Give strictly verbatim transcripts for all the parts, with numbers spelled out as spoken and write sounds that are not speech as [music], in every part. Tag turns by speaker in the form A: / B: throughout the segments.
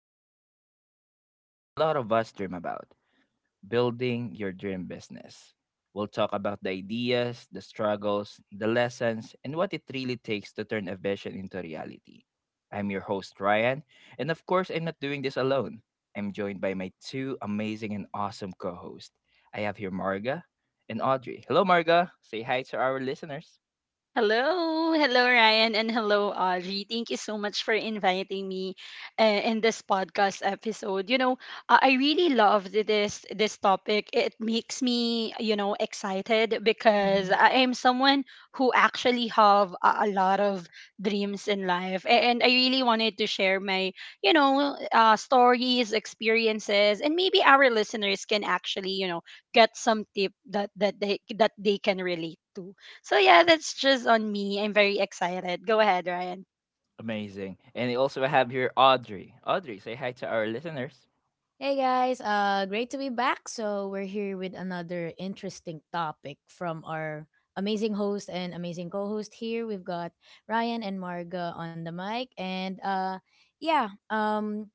A: diving into a topic that a lot of us dream about: building your dream business. We'll talk about the ideas, the struggles, the lessons, and what it really takes to turn a vision into reality. I'm your host, Ryan, and of course, I'm not doing this alone. I'm joined by my two amazing and awesome co hosts. I have here Marga and Audrey. Hello, Marga. Say hi to our listeners.
B: Hello, hello Ryan and hello Audrey. Thank you so much for inviting me uh, in this podcast episode. You know, uh, I really love this this topic. It makes me, you know, excited because
C: Mhm.
B: I am someone who actually have a, a lot of dreams in life, A- and I really wanted to share my, you know, uh, stories, experiences, and maybe our listeners can actually, you know, get some tip that that they that they can relate to. So yeah, that's just on me. I'm very excited. Go ahead, Ryan.
A: Amazing. And we also have here Audrey. Audrey, say hi to our listeners.
C: Hey guys, uh great to be back. So we're here with another interesting topic from our amazing host and amazing co-host here. We've got Ryan and Marga on the mic and uh yeah, um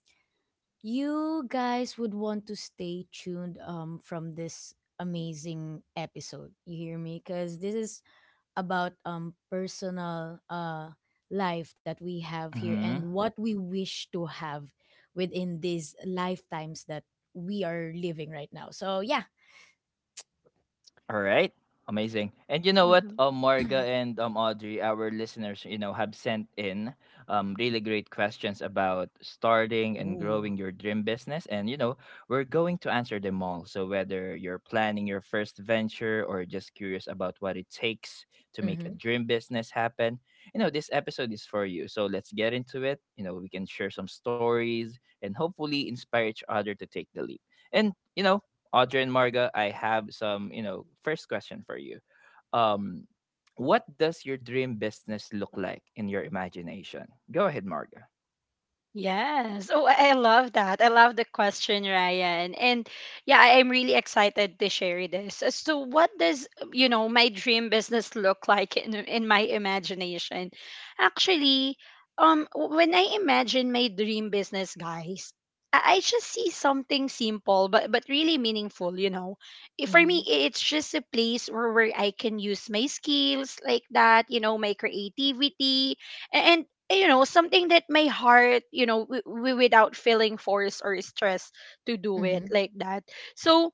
C: you guys would want to stay tuned um from this amazing episode. You hear me? Cuz this is about um personal uh life that we have here and
A: hmm
C: what we wish to have within these lifetimes that we are living right now. So yeah.
A: All right. Amazing. And you know what?
B: Mhm.
A: Um, Marga and um, Audrey, our listeners, you know, have sent in um, really great questions about starting and
C: Ooh.
A: growing your dream business. And, you know, we're going to answer them all. So, whether you're planning your first venture or just curious about what it takes to make a
C: Mhm.
A: dream business happen, you know, this episode is for you. So, let's get into it. You know, we can share some stories and hopefully inspire each other to take the leap. And, you know, Audrey and Marga, I have some, you know, first question for you. Um, what does your dream business look like in your imagination? Go ahead, Marga.
B: Yes. Oh, I I love that. I love the question, Ryan. And yeah, I am really excited to share this. As to what does, you know, my dream business look like in in my imagination? Actually, um when I imagine my dream business, guys, I, I just see something simple but but really meaningful, you know. I- For me,
C: Mhm.
B: i- it's just a place where, where I can use my skills, like that, you know, my creativity, and eh, you know something that my heart you know w- w- without feeling force or stress to do it,
C: Mhm.
B: like that. So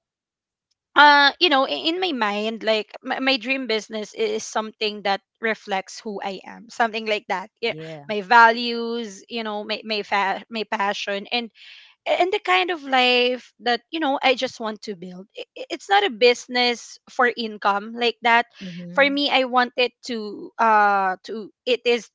B: uh you know i- in my mind, like my, my dream business is something that reflects who I am, something like that. Yeah,
C: Yeah.
B: my values you know my my, fa- my passion, and a- and the kind of life that you know I just want to build. I- i- it's not a business for income, like that. For
C: Mhm.
B: me, I want it to, uh to, it is,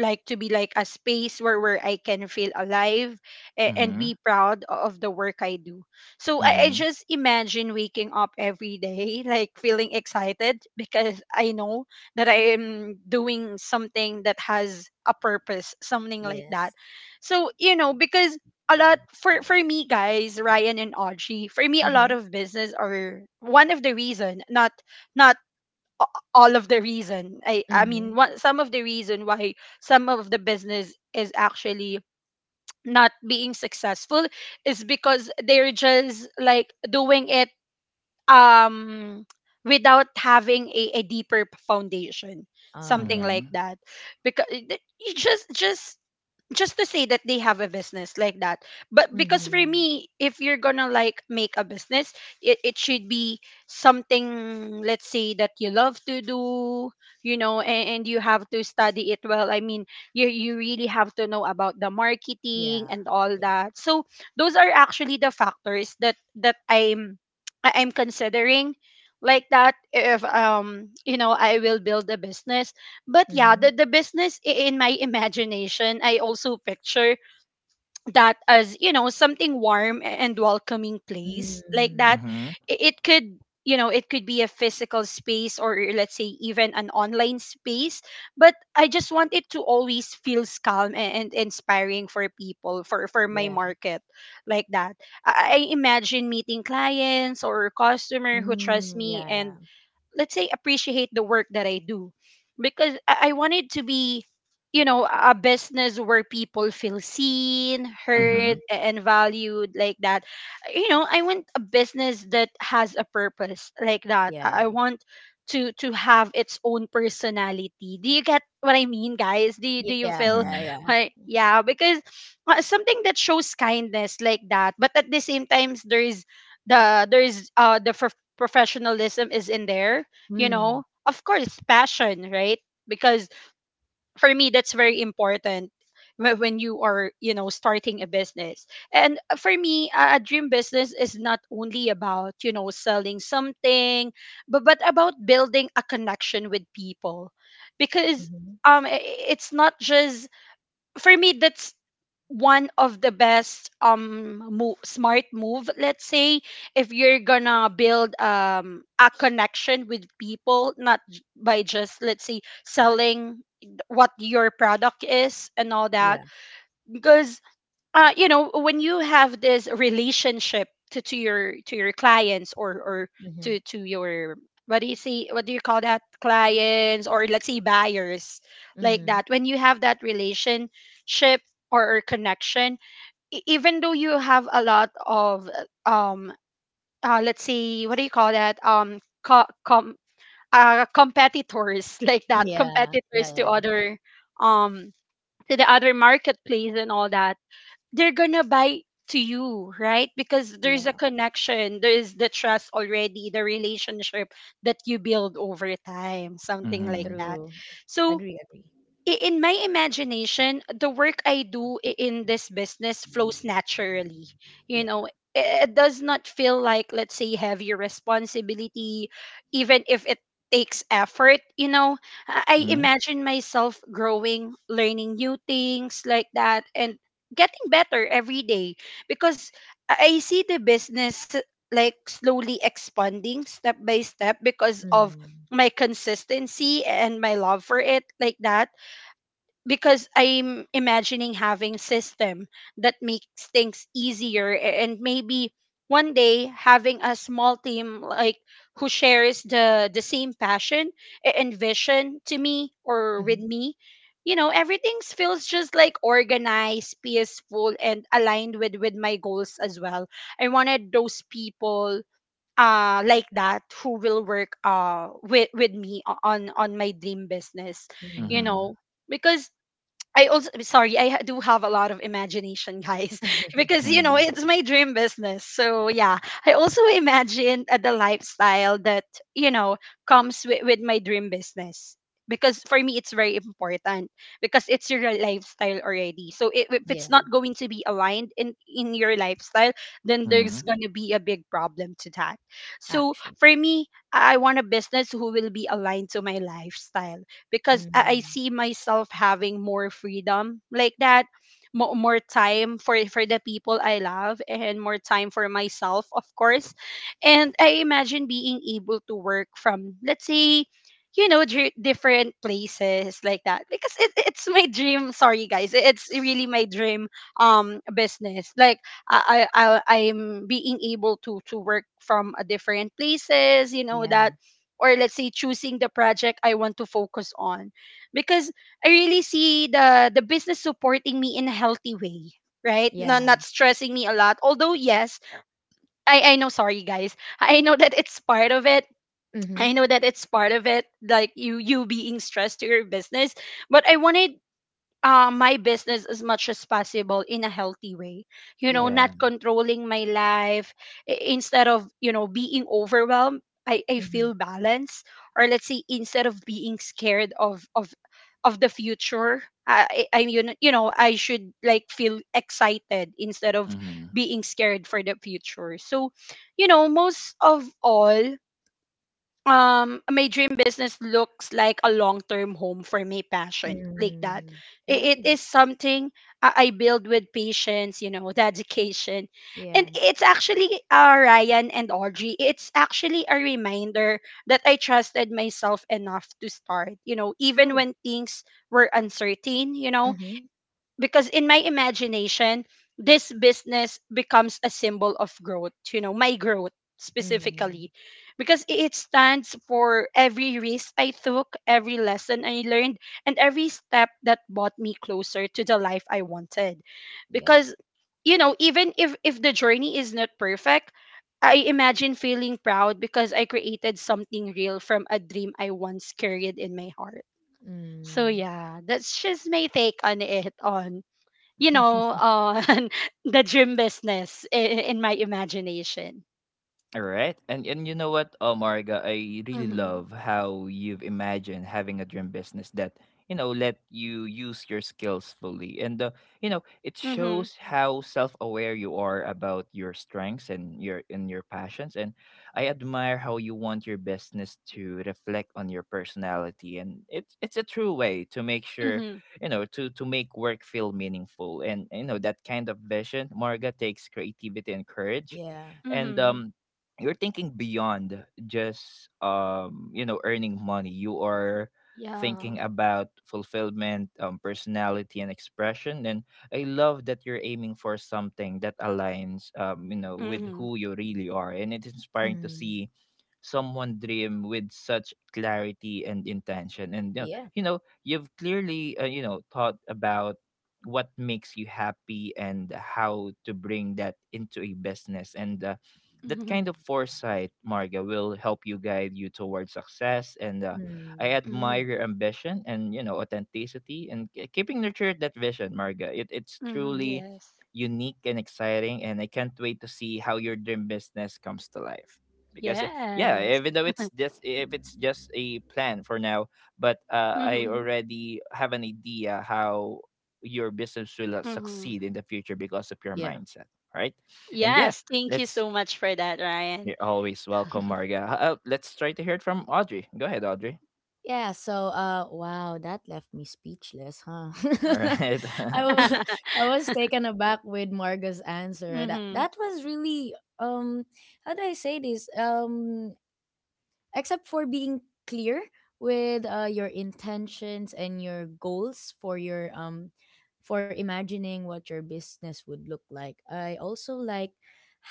B: like to be like a space where where I can feel alive, a- and
A: Mm-hmm.
B: be proud o- of the work I do. So I, I
A: Mm-hmm.
B: just imagine waking up every day [laughs] like feeling excited because I know that I am doing something that has a purpose, something like
C: Yes.
B: that. So, you know, because a lot, for for me, guys, Ryan and Audrey, for me, a lot
C: Mhm.
B: of business are one of the reason, not not a- all of the reason, i i mean,
C: Mhm.
B: one, some of the reason why some of the business is actually not being successful is because they're just like doing it, um without having a, a deeper p- foundation,
C: Ah,
B: something
C: yeah.
B: like that. Because you just just just to say that they have a business, like that. But because for
C: Mhm.
B: me, if you're gonna like make a business, it, it should be something, let's say, that you love to do, you know and, and you have to study it well. I mean, you you really have to know about the marketing
C: Yeah.
B: and all
C: Yeah.
B: that. So those are actually the factors that that i'm I- I'm considering, like that, if um you know I will build a business. But yeah, the,
C: Mhm.
B: the business i- in my [laughs] imagination, I also picture that as you know something warm and welcoming place, like
C: Mm.
B: that.
A: Mm-hmm.
B: I- it could, you know, it could be a physical space or, let's say, even an online space, but I just want it to always feels calm, a- and inspiring for people, for for my
C: Yeah.
B: market, like that. I I imagine meeting clients or customer who trust
C: Mm.
B: me
C: Yeah. Yeah.
B: and, let's say, appreciate the work that I do, because I, I wanted to be, you know, a a business where people feel seen,
C: Mhm.
A: Mm-hmm.
B: heard, a- and valued, like that. You know i want a business that has a purpose, like that.
C: Yeah.
B: I I want to to have its own personality. Do you get what I mean, guys? Do you, do you
C: Yeah.
B: feel
C: Yeah.
A: Mm-hmm.
C: Yeah.
B: why? Yeah, because, uh, something that shows kindness, like that, but at the same times there's the there's uh the professionalism is in there, you know.
C: Mm.
B: Of course, passion, right? Because for me, that's very important wh- when you are, you know, starting a business. And for me, a a dream business is not only about, you know, selling something, but, but about building a connection with people. Because
C: Mhm.
B: um, i- i- it's not just for me, that's one of the best um mo- smart move, let's say, if you're gonna build um a connection with people, not j- by just, let's say, selling what your product is and all
C: Yeah.
B: that. Because, uh, you know when you have this relationship to, to your to your clients, or or to
C: Mhm.
B: to your, what do you see, what do you call that, clients or, let's say, buyers, like that.
C: Mhm.
B: When you have that relationship, or, or connection, e- even though you have a lot of, uh, um uh, let's see, what do you call that, um co- com- uh, competitors [laughs] like that,
C: Yeah, yeah,
B: competitors to
C: yeah, yeah.
B: other, um to the other marketplace and all that, they're gonna buy to you, right? Because there's a
C: Yeah,
B: connection, there is the trust already, the relationship that you build over time, something like
A: Mm-hmm.
B: that.
C: true.
B: So
C: Agree, agree.
B: i- in my imagination, the work I do i- in this business flows naturally. You
C: Yeah.
B: know, i- it does not feel like, let's say, heavy responsibility, even if it takes effort. You know, I I
A: Mm-hmm.
B: imagine myself growing, learning new things, like that, and getting better every day, because I I see the business like slowly expanding step by step because of
C: Mm.
B: my consistency and my love for it, like that, because I'm imagining having system that makes things easier, a- and maybe one day having a small team, like, who shares the the same passion, a- and vision to me or
C: Hmm.
B: with me. You know, everything feels just like organized, peaceful, and aligned with with my goals as well. I wanted those people, uh like that, who will work, uh with with me, o- on on my dream business. You
C: Hmm.
A: Mm-hmm.
B: know, because I also, sorry, I ha- do have a lot of imagination, guys, [laughs]
C: [laughs]
B: because you know
A: Mm-hmm.
B: it's my dream business. So yeah, I also imagine, uh, the lifestyle that you know comes with, with my dream business, because for me it's very important, because it's your lifestyle already. So I if it's
C: Yeah,
B: not going to be aligned in in your lifestyle, then there's
A: Mm-hmm.
B: gonna be a big problem to that. So
C: actually.
B: for me, I I want a business who will be aligned to my lifestyle, because I, I
C: Mm.
B: see myself having more freedom, like that, more, more time for for the people I love, and more time for myself, of course. And I imagine being able to work from, let's say, you know dr- different places, like that, because it, it's my dream, sorry, guys, it's really my dream, um business, like, I, I I- i'm being able to to work from a different places, you know that,
C: Yeah,
B: or let's say choosing the project I want to focus on, because I really see the the business supporting me in a healthy way, right? not,
C: yeah.
B: not stressing me a lot, although yes, I I know, sorry, guys, [laughs] I know that it's part of it.
C: Hmm.
B: I know that it's part of it, like you you being stressed to your business. But I wanted, uh, my business as much as possible in a healthy way. You know,
C: Yeah.
B: not
A: Yeah.
B: controlling my life. I- Instead of, you know, being overwhelmed, I, I
C: Hmm.
B: feel balance. Or let's say, instead of being scared of of of the future, I, I, I'm, you know, you know, I should like feel excited instead of being scared for the future. So, you know, most of all, um my dream business looks like a long-term home for my passion, like that.
C: Mm.
B: I- it is
C: Nice.
B: something i I build with patience you know [laughs] dedication. And
C: Yeah,
B: it's actually, uh, Ryan and Audrey, it's actually a reminder that I trusted myself enough to start you know even
C: true.
B: when things were uncertain you know
C: Hmm.
B: Because in my imagination, this business becomes a symbol of growth you know my growth specifically,
C: Mm.
B: because i- it stands for every risk I took, every lesson I learned, and every step that brought me closer to the life I wanted,
C: Yep.
B: because you know even if if the journey is not perfect, I imagine feeling proud because I created something real from a dream I once carried in my heart. So
C: Mm.
B: yeah, that's just my take on it, on, you know,
C: [laughs]
B: uh, [laughs] the gym business in, in my imagination.
A: All right. And and you know what, uh, Marga, I really
B: Mm-hmm.
A: love how you've imagined having a dream business that, you know, let you use your skills fully. And uh, you know, it
B: Mm-hmm.
A: shows how self-aware you are about your strengths and your and your passions. And I admire how you want your business to reflect on your personality. And it's it's a true way to make sure,
B: Mm-hmm.
A: you know, to to make work feel meaningful. And you know, that kind of vision, Marga, takes creativity and courage
C: Yeah.
A: and
B: Mm-hmm.
A: um you're thinking beyond just um you know earning money. You are
B: Yeah.
A: thinking about fulfillment, um, personality and expression, and I love that you're aiming for something that aligns um you know with
B: Mm-hmm.
A: who you really are, and it's inspiring to
C: Mm.
A: see someone dream with such clarity and intention. And you know,
C: Yeah.
A: you know you've clearly uh, you know thought about what makes you happy and how to bring that into a business. And uh that
B: Mm-hmm.
A: kind of foresight, Marga, will help you guide you towards success. And uh, I
C: Mm.
B: Mm-hmm.
A: admire your ambition and you know authenticity and k- keeping nurtured that vision, Marga. It, it's
B: Mm-hmm.
A: truly
B: Yes.
A: unique and exciting, and I can't wait to see how your dream business comes to life. Because uh,
B: Yes.
A: yeah, even though it's
B: [laughs]
A: just if it's just a plan for now, but uh, I
B: Mm-hmm.
A: already have an idea how your business will uh,
B: Mm-hmm.
A: succeed in the future because of your
C: Yeah.
A: mindset, right? And yeah,
B: Yes. Thank you
A: let's
B: so much for that, Ryan.
A: you're always welcome, Marga. Uh, let's try to hear it from Audrey. Go ahead, Audrey.
C: Yeah, so uh wow, that left me speechless, huh?
A: All
C: [laughs]
A: right.
C: I
A: [laughs]
C: was
B: [laughs]
C: I was taken aback with Marga's answer. That
B: mm-hmm.
C: that was really um how do I say this? Um except for being clear with uh, your intentions and your goals for your um for imagining what your business would look like, I also like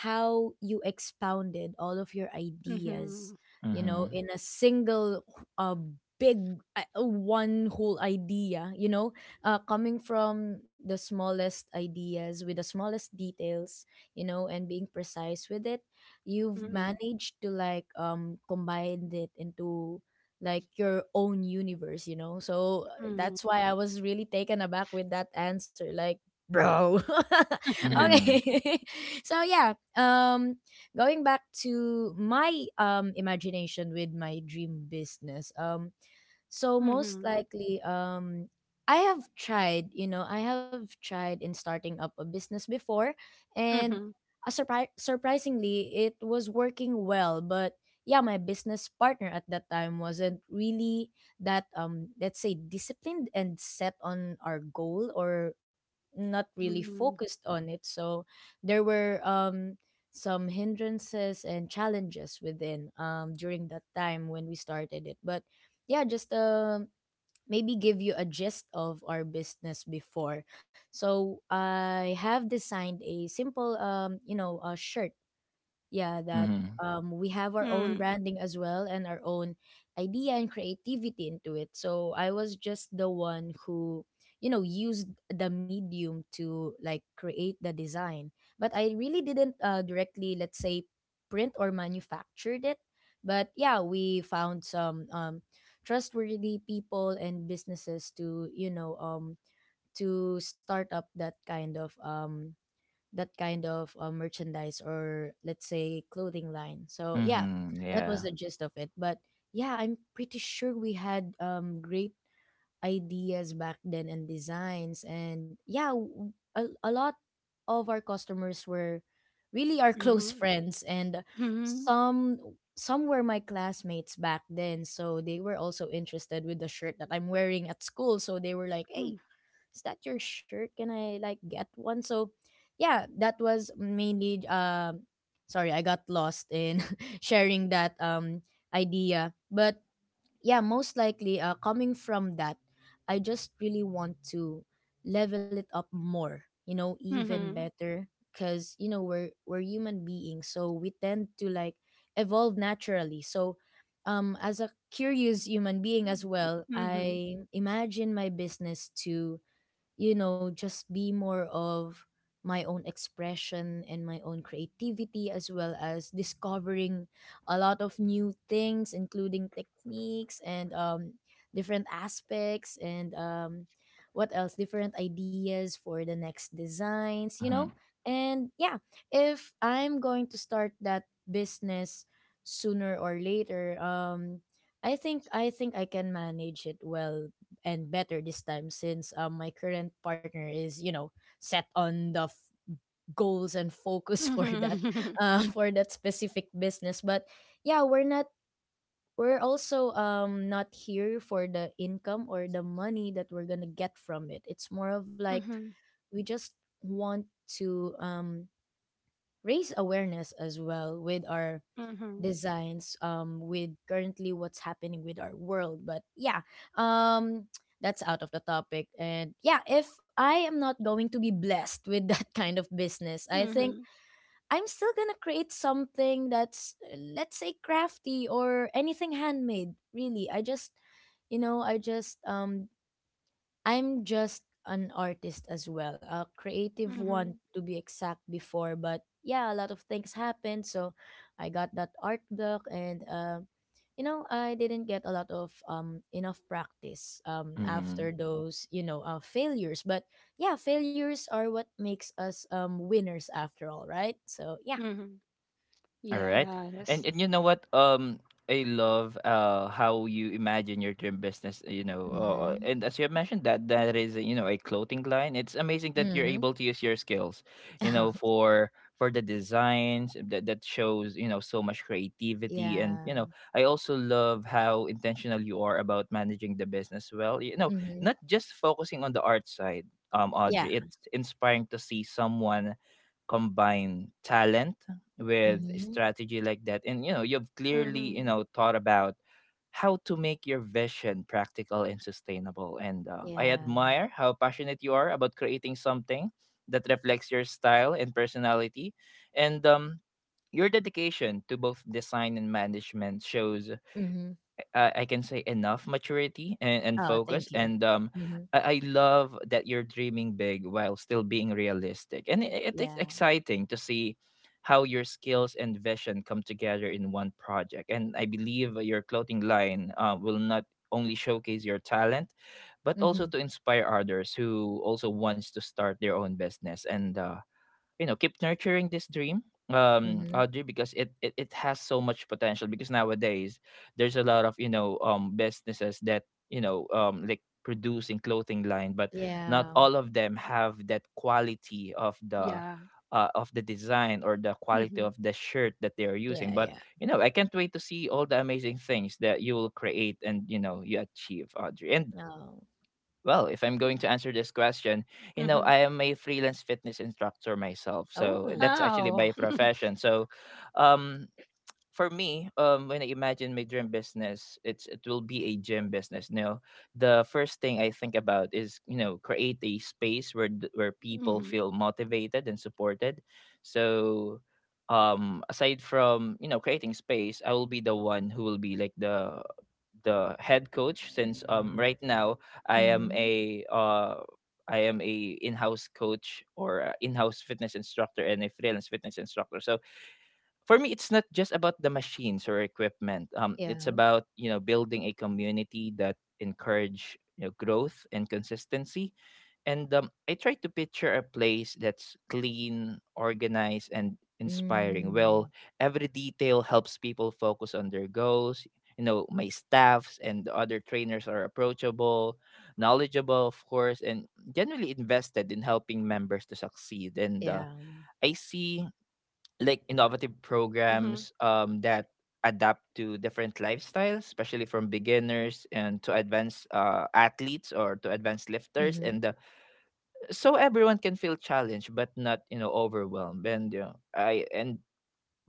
C: how you expounded all of your
B: Mm-hmm.
C: ideas, you know,
A: Mhm.
C: in a single uh, big uh, one whole idea, you know, uh, coming from the smallest ideas with the smallest details, you know, and being precise with it. You've
B: Mm-hmm.
C: managed to like um combine it into like your own universe, you know. So uh,
B: Mm-hmm.
C: that's why I was really taken aback with that answer like bro. [laughs]
B: [laughs]
A: Mhm.
C: Okay. [laughs] So yeah, um going back to my um imagination with my dream business, um so most
B: Mm-hmm.
C: likely, um, I have tried, you know, I have tried in starting up a business before, and
B: Mm-hmm.
C: uh, surpri- surprisingly, it was working well. But yeah, my business partner at that time wasn't really that, um, let's say, disciplined and set on our goal or not really
B: Mm-hmm.
C: focused on it. So there were um, some hindrances and challenges within um, during that time when we started it. But yeah, just uh, maybe give you a gist of our business before. So I have designed a simple, um, you know, uh, shirt, yeah, that
A: Mhm.
C: um we have our own
B: Mm-hmm.
C: branding as well and our own idea and creativity into it. So I was just the one who, you know, used the medium to like create the design, but I really didn't uh, directly, let's say, print or manufactured it. But yeah, we found some um trustworthy people and businesses to, you know, um to start up that kind of um that kind of uh, merchandise, or let's say clothing line. So yeah,
A: Mhm.
C: that was
A: Yeah.
C: the gist of it. But yeah, I'm pretty sure we had um great ideas back then and designs, and yeah, w- a, a lot of our customers were really our [laughs] close friends, and
B: Mm-hmm.
C: some some were my classmates back then, so they were also interested with the shirt that I'm wearing at school. So they were like, hey, is that your shirt, can I like get one? So yeah, that was mainly um sorry, I got lost in [laughs] sharing that um idea. But yeah, most likely uh, coming from that, I just really want to level it up more, you know, even
B: Mm-hmm.
C: better, because you know we're we're human beings, so we tend to like evolve naturally. So um as a curious human being as well,
B: Mm-hmm.
C: I imagine my business to, you know, just be more of my own expression and my own creativity, as well as discovering a lot of new things, including techniques and um, different aspects and um, what else, different ideas for the next designs, you know?
A: Mhm.
C: And yeah, if I'm going to start that business sooner or later, um, I think I think I can manage it well and better this time since um, my current partner is, you know, set on the f- goals and focus [laughs] for that
B: Mhm. [laughs]
C: uh, for that specific business. But yeah, we're not, we're also um not here for the income or the money that we're gonna get from it. It's more of like
B: Mhm.
C: we just want to um raise awareness as well with our
B: Mhm.
C: designs, um with currently what's happening with our world. But yeah, um [tsk] that's out of the topic. And yeah, if I am not going to be blessed with that [laughs] kind of business, I think
B: Mhm.
C: I'm still gonna create something that's uh, let's say crafty or anything handmade, really. I just, you know, I just um I'm just an artist as well, a creative
B: Mhm.
C: one
B: Mhm.
C: to be exact before, but yeah, a lot of things happened. So I got that art block and uh, you know, I didn't get a lot of um enough practice um after
A: Mhm.
C: those, you know, uh, failures. But yeah, failures are what makes us um winners after all, right? So yeah.
B: [laughs]
A: All right. And
B: Yes.
A: and you know what? Um I love uh how you imagine your dream business, you know. Uh, and
C: Mhm.
A: as you have mentioned that that is you know a clothing line. It's amazing that you're
C: Mhm.
A: able to use your skills, you know,
C: [laughs]
A: for for the designs that that shows, you know, so much creativity. And you
C: Yeah.
A: know, I also love how intentional you are about managing the business well. You know, not
C: Mhm.
A: just focusing on the art side. Um Audrey,
C: Yeah.
A: it's inspiring to see someone combine talent with a
C: Mhm.
A: strategy like that. And you know you've clearly you
B: Mhm.
A: know thought about how to make your vision practical and sustainable. And uh, I
C: Yeah.
A: admire how passionate you are about creating something that reflects your style and personality. And um your dedication to both design and management shows
C: Mhm.
A: uh, I can say enough maturity and, and
C: Oh,
A: focus.
C: thank you.
A: And um
C: Mhm.
A: I, I love that you're dreaming big while still being realistic, and it, it's
C: Yeah.
A: exciting to see how your skills and vision come together in one project. And I believe your clothing line uh, will not only showcase your talent but also to
C: Mhm.
A: inspire others who also wants to start their own business. And uh, you know keep nurturing this dream um
C: Mhm.
A: audrey because it, it it has so much potential because nowadays there's a lot of you know um businesses that you know um like producing clothing line, but not
C: Yeah.
A: all of them have that quality of the
B: Yeah.
A: uh, of the design or the quality
B: Mhm.
A: of the shirt that they are using.
C: Yeah.
A: But
C: Yeah.
A: you know I can't wait to see all the amazing things that you will create and you know you achieve, audrey. And
C: No.
A: well, if I'm going to answer this question, you know,
B: Mhm.
A: I am a freelance fitness instructor myself. So
C: Oh.
A: that's actually
B: Wow.
A: my
B: [laughs]
A: profession. So um for me, um when I imagine my dream business, it's it will be a gym business. You know, the first thing I think about is, you know, create a space where th- where people
B: Mhm.
A: feel motivated and supported. So um aside from you know creating space, I will be the one who will be like the the head coach since um right now I am
C: Mhm.
A: a uh I am a in-house coach or a in-house fitness instructor and a freelance fitness instructor. So for me it's not just about the machines or equipment. Um it's
C: Yeah.
A: about, you know, building a community that encourage you know growth and consistency. And um, I try to picture a place that's clean, organized, and inspiring. Well,
C: Mm.
A: every detail helps people focus on their goals. You know, my staffs and the other trainers are approachable, knowledgeable, of course, and generally invested in helping members to succeed. And uh,
C: Yeah.
A: I see like innovative
B: Mhm.
A: programs um, that adapt to different lifestyles, especially from beginners and to advanced uh, athletes or to advanced lifters.
C: Mhm.
A: And uh, so everyone can feel challenged but not you know overwhelmed. And you know, I and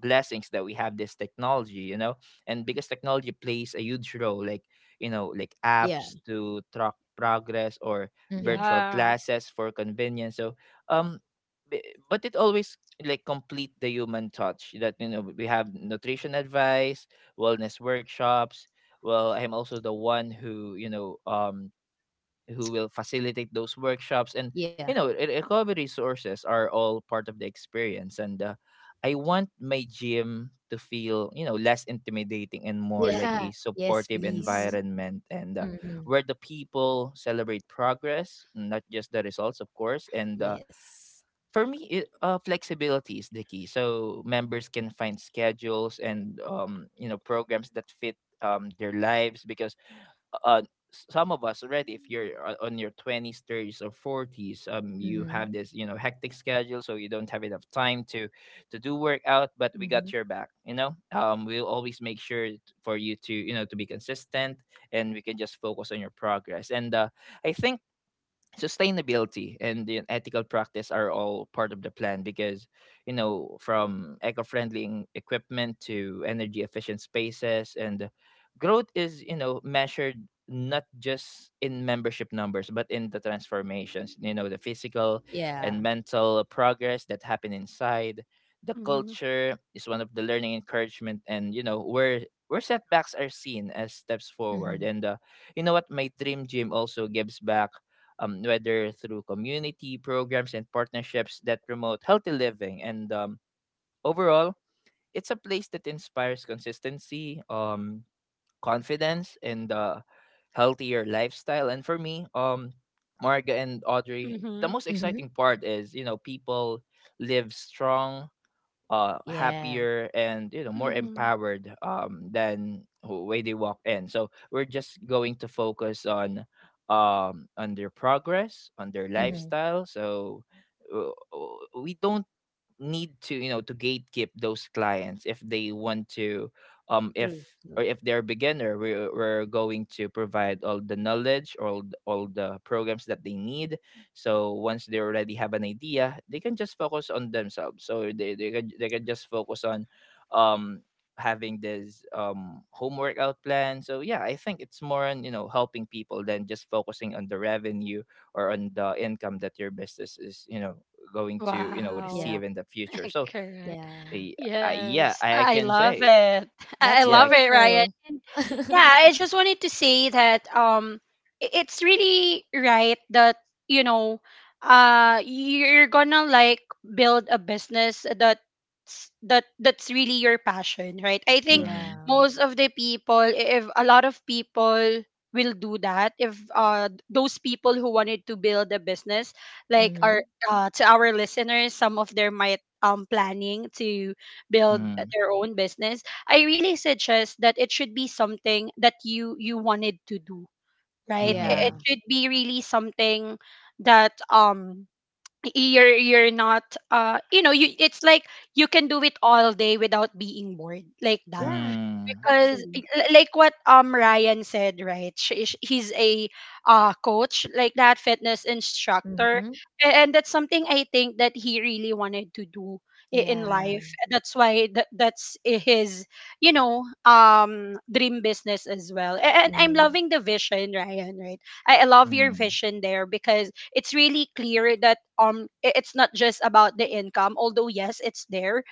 A: blessings that we have this technology you know, and because technology plays a huge role like you know like apps
C: Yeah.
A: to track progress or
C: Mhm.
A: virtual
B: Yeah.
A: classes for convenience. So um b- but it always like complete the human touch that you know we have nutrition advice, wellness workshops. Well I'm also the one who you know um who will facilitate those workshops. And
C: Yeah.
A: you know re- recovery resources are all part of the experience. And uh, I want my gym to feel you know less intimidating and more like a
C: Yeah. [laughs] Yes,
A: supportive
B: Mhm.
C: please.
A: environment. And uh,
C: Mhm.
A: where the people celebrate progress not just the results, of course. And uh,
C: Yes.
A: for me it, uh, flexibility is the key so members can find schedules and um, you know programs that fit um, their lives. Because uh s- some of us already, if you're
B: Mm.
A: o- on your twenties, thirties, or forties, um you
C: Mhm.
A: have this you know hectic schedule, so you don't have enough time to to do workout. But we got
C: Mhm.
A: your back, you know, um we'll always make sure t- for you to you know to be consistent, and we can just focus on your progress. And uh, I think sustainability and the ethical practice are all part of the plan. Because you know from eco-friendly en- equipment to energy efficient spaces, and growth is you know measured not just in membership numbers but in the transformations, you know the physical
C: Yeah.
A: and mental progress that happen inside. The
B: Mhm.
A: culture is one of the learning encouragement, and you know where where setbacks are seen as steps forward.
C: Mhm.
A: And uh, you know what, my dream gym also gives back, um, whether through community programs and partnerships that promote healthy living. And um, overall, it's a place that inspires consistency, um, confidence, and uh, healthier lifestyle. And for me, um, Marga and Audrey, the
B: Mhm.
A: most
C: Mhm.
A: exciting part is you know people live strong, uh,
C: Yeah.
A: happier, and you know more
B: Mhm.
A: empowered um than wh- way they walked in. So we're just going to focus on um on their progress, on their
C: Mhm.
A: lifestyle. So uh, uh, we don't need to you know to gatekeep those clients if they want to um if
C: True. True.
A: or if they're beginner, we're, we're going to provide all the knowledge, all th- all the programs that they need. So once they already have an idea they can just focus on themselves, so they, they can they can just focus on um having this um home workout plan. So yeah I think it's more on you know helping people than just focusing on the revenue or on the income that your business is you know going to you know
C: Yeah.
B: Wow.
A: receive in the future.
B: [laughs]
A: So
B: Correct.
C: Yeah.
A: y- uh, yeah
B: Yes,
A: i, I
B: I
A: can
B: love
A: say
B: it. [laughs]
C: That's
B: I
A: yeah.
B: love it, Ryan.
C: wonderful.
B: And yeah,
C: [laughs]
B: I just wanted to say that, um, i- it's really right that, you know, uh, you're gonna like build a business that that that's really your passion, right? I think
A: Mm-hmm,
C: Yeah.
B: most of the people, if a lot of people will do that, if uh those people who wanted to build a business, like our
C: Mhm.
B: uh, to our listeners, some of them might um, planning to build
A: mm-hmm,
B: their own business. I really suggest that it should be something that you you wanted to do, right? It it
C: Yeah.
B: should be really something that um you're you're not uh you know you it's like you can do it all day without being bored, like that.
C: Yeah.
A: mm-hmm,
B: Because
C: Actually.
B: i- like what um Ryan said, right? She, sh- he's a uh coach like that, fitness instructor.
C: Mhm.
B: A- and that's something I think that he really wanted to do i- in
C: Yeah.
B: life. That's why that that's i- his you know um dream business as well. A- And I'm
C: Mhm.
B: loving the vision, Ryan. Right? I I love your
A: mm-hmm,
B: vision there because it's really clear that um i- it's not just about the income, although yes, it's there.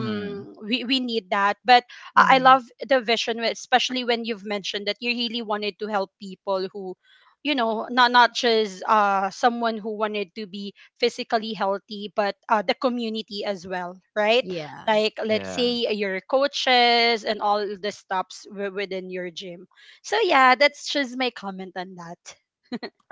A: mm-hmm.
B: we we need that, but I I
C: Mhm.
B: love the vision, wh- especially when you've mentioned that you really wanted to help people who, you know, not not just uh someone who wanted to be physically healthy, but uh, the community as well, right?
C: Yeah.
B: Like let's
A: Yeah.
B: say your coaches and all the stops wi- within your gym. So yeah, that's just my comment on that.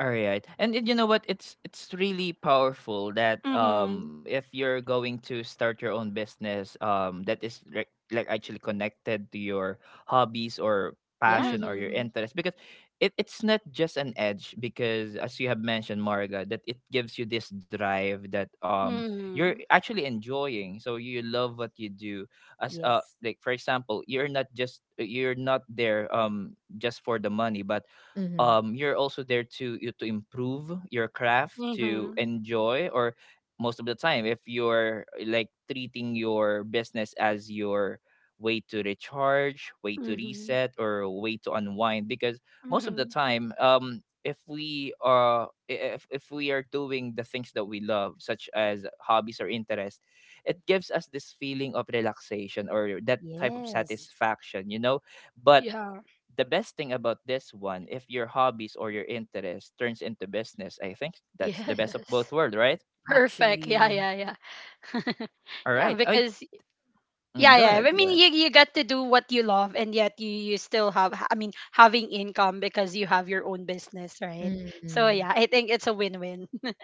A: All right. And y- you know what? It's it's really powerful that um
B: Mhm.
A: if you're going to start your own business um that is re- like actually connected to your hobbies or
C: Yeah.
A: passion or your
B: Mhm.
A: interest because it, it's not just an edge because as you have mentioned, Marga, that it gives you this drive that um you're
B: Mhm.
A: actually enjoying, so you love what you do as uh
C: Yes.
A: like, for example, you're not just, you're not there um just for the money, but
C: Mhm.
A: um you're also there to you to improve your craft, to
B: Mhm.
A: enjoy, or most of the time if you're eh, like treating your business as your way to recharge, way to
B: Mhm.
A: reset, or way to unwind because most of the
B: Mhm.
A: time, um if we are, if, if we are doing the things that we love such as hobbies or interests, it gives us this feeling of relaxation or that type of
C: Yes.
A: satisfaction. You know but
B: Yeah.
A: the best thing about this one, if your hobbies or your interest turns into business, I think that's the
B: [laughs]
A: best of both
B: Yes.
A: worlds, right?
B: Perfect. Yeah,
C: Actually.
B: yeah, yeah. [laughs]
A: All
B: yeah,
A: right. I
B: because yeah,
A: mm, go
B: yeah. I
A: ahead.
B: mean,
A: Go ahead.
B: you you get to do what you love, and yet you you still have. I mean, having income because you have your own business, right? So
C: Mm.
B: yeah, I think it's a win-win. [laughs]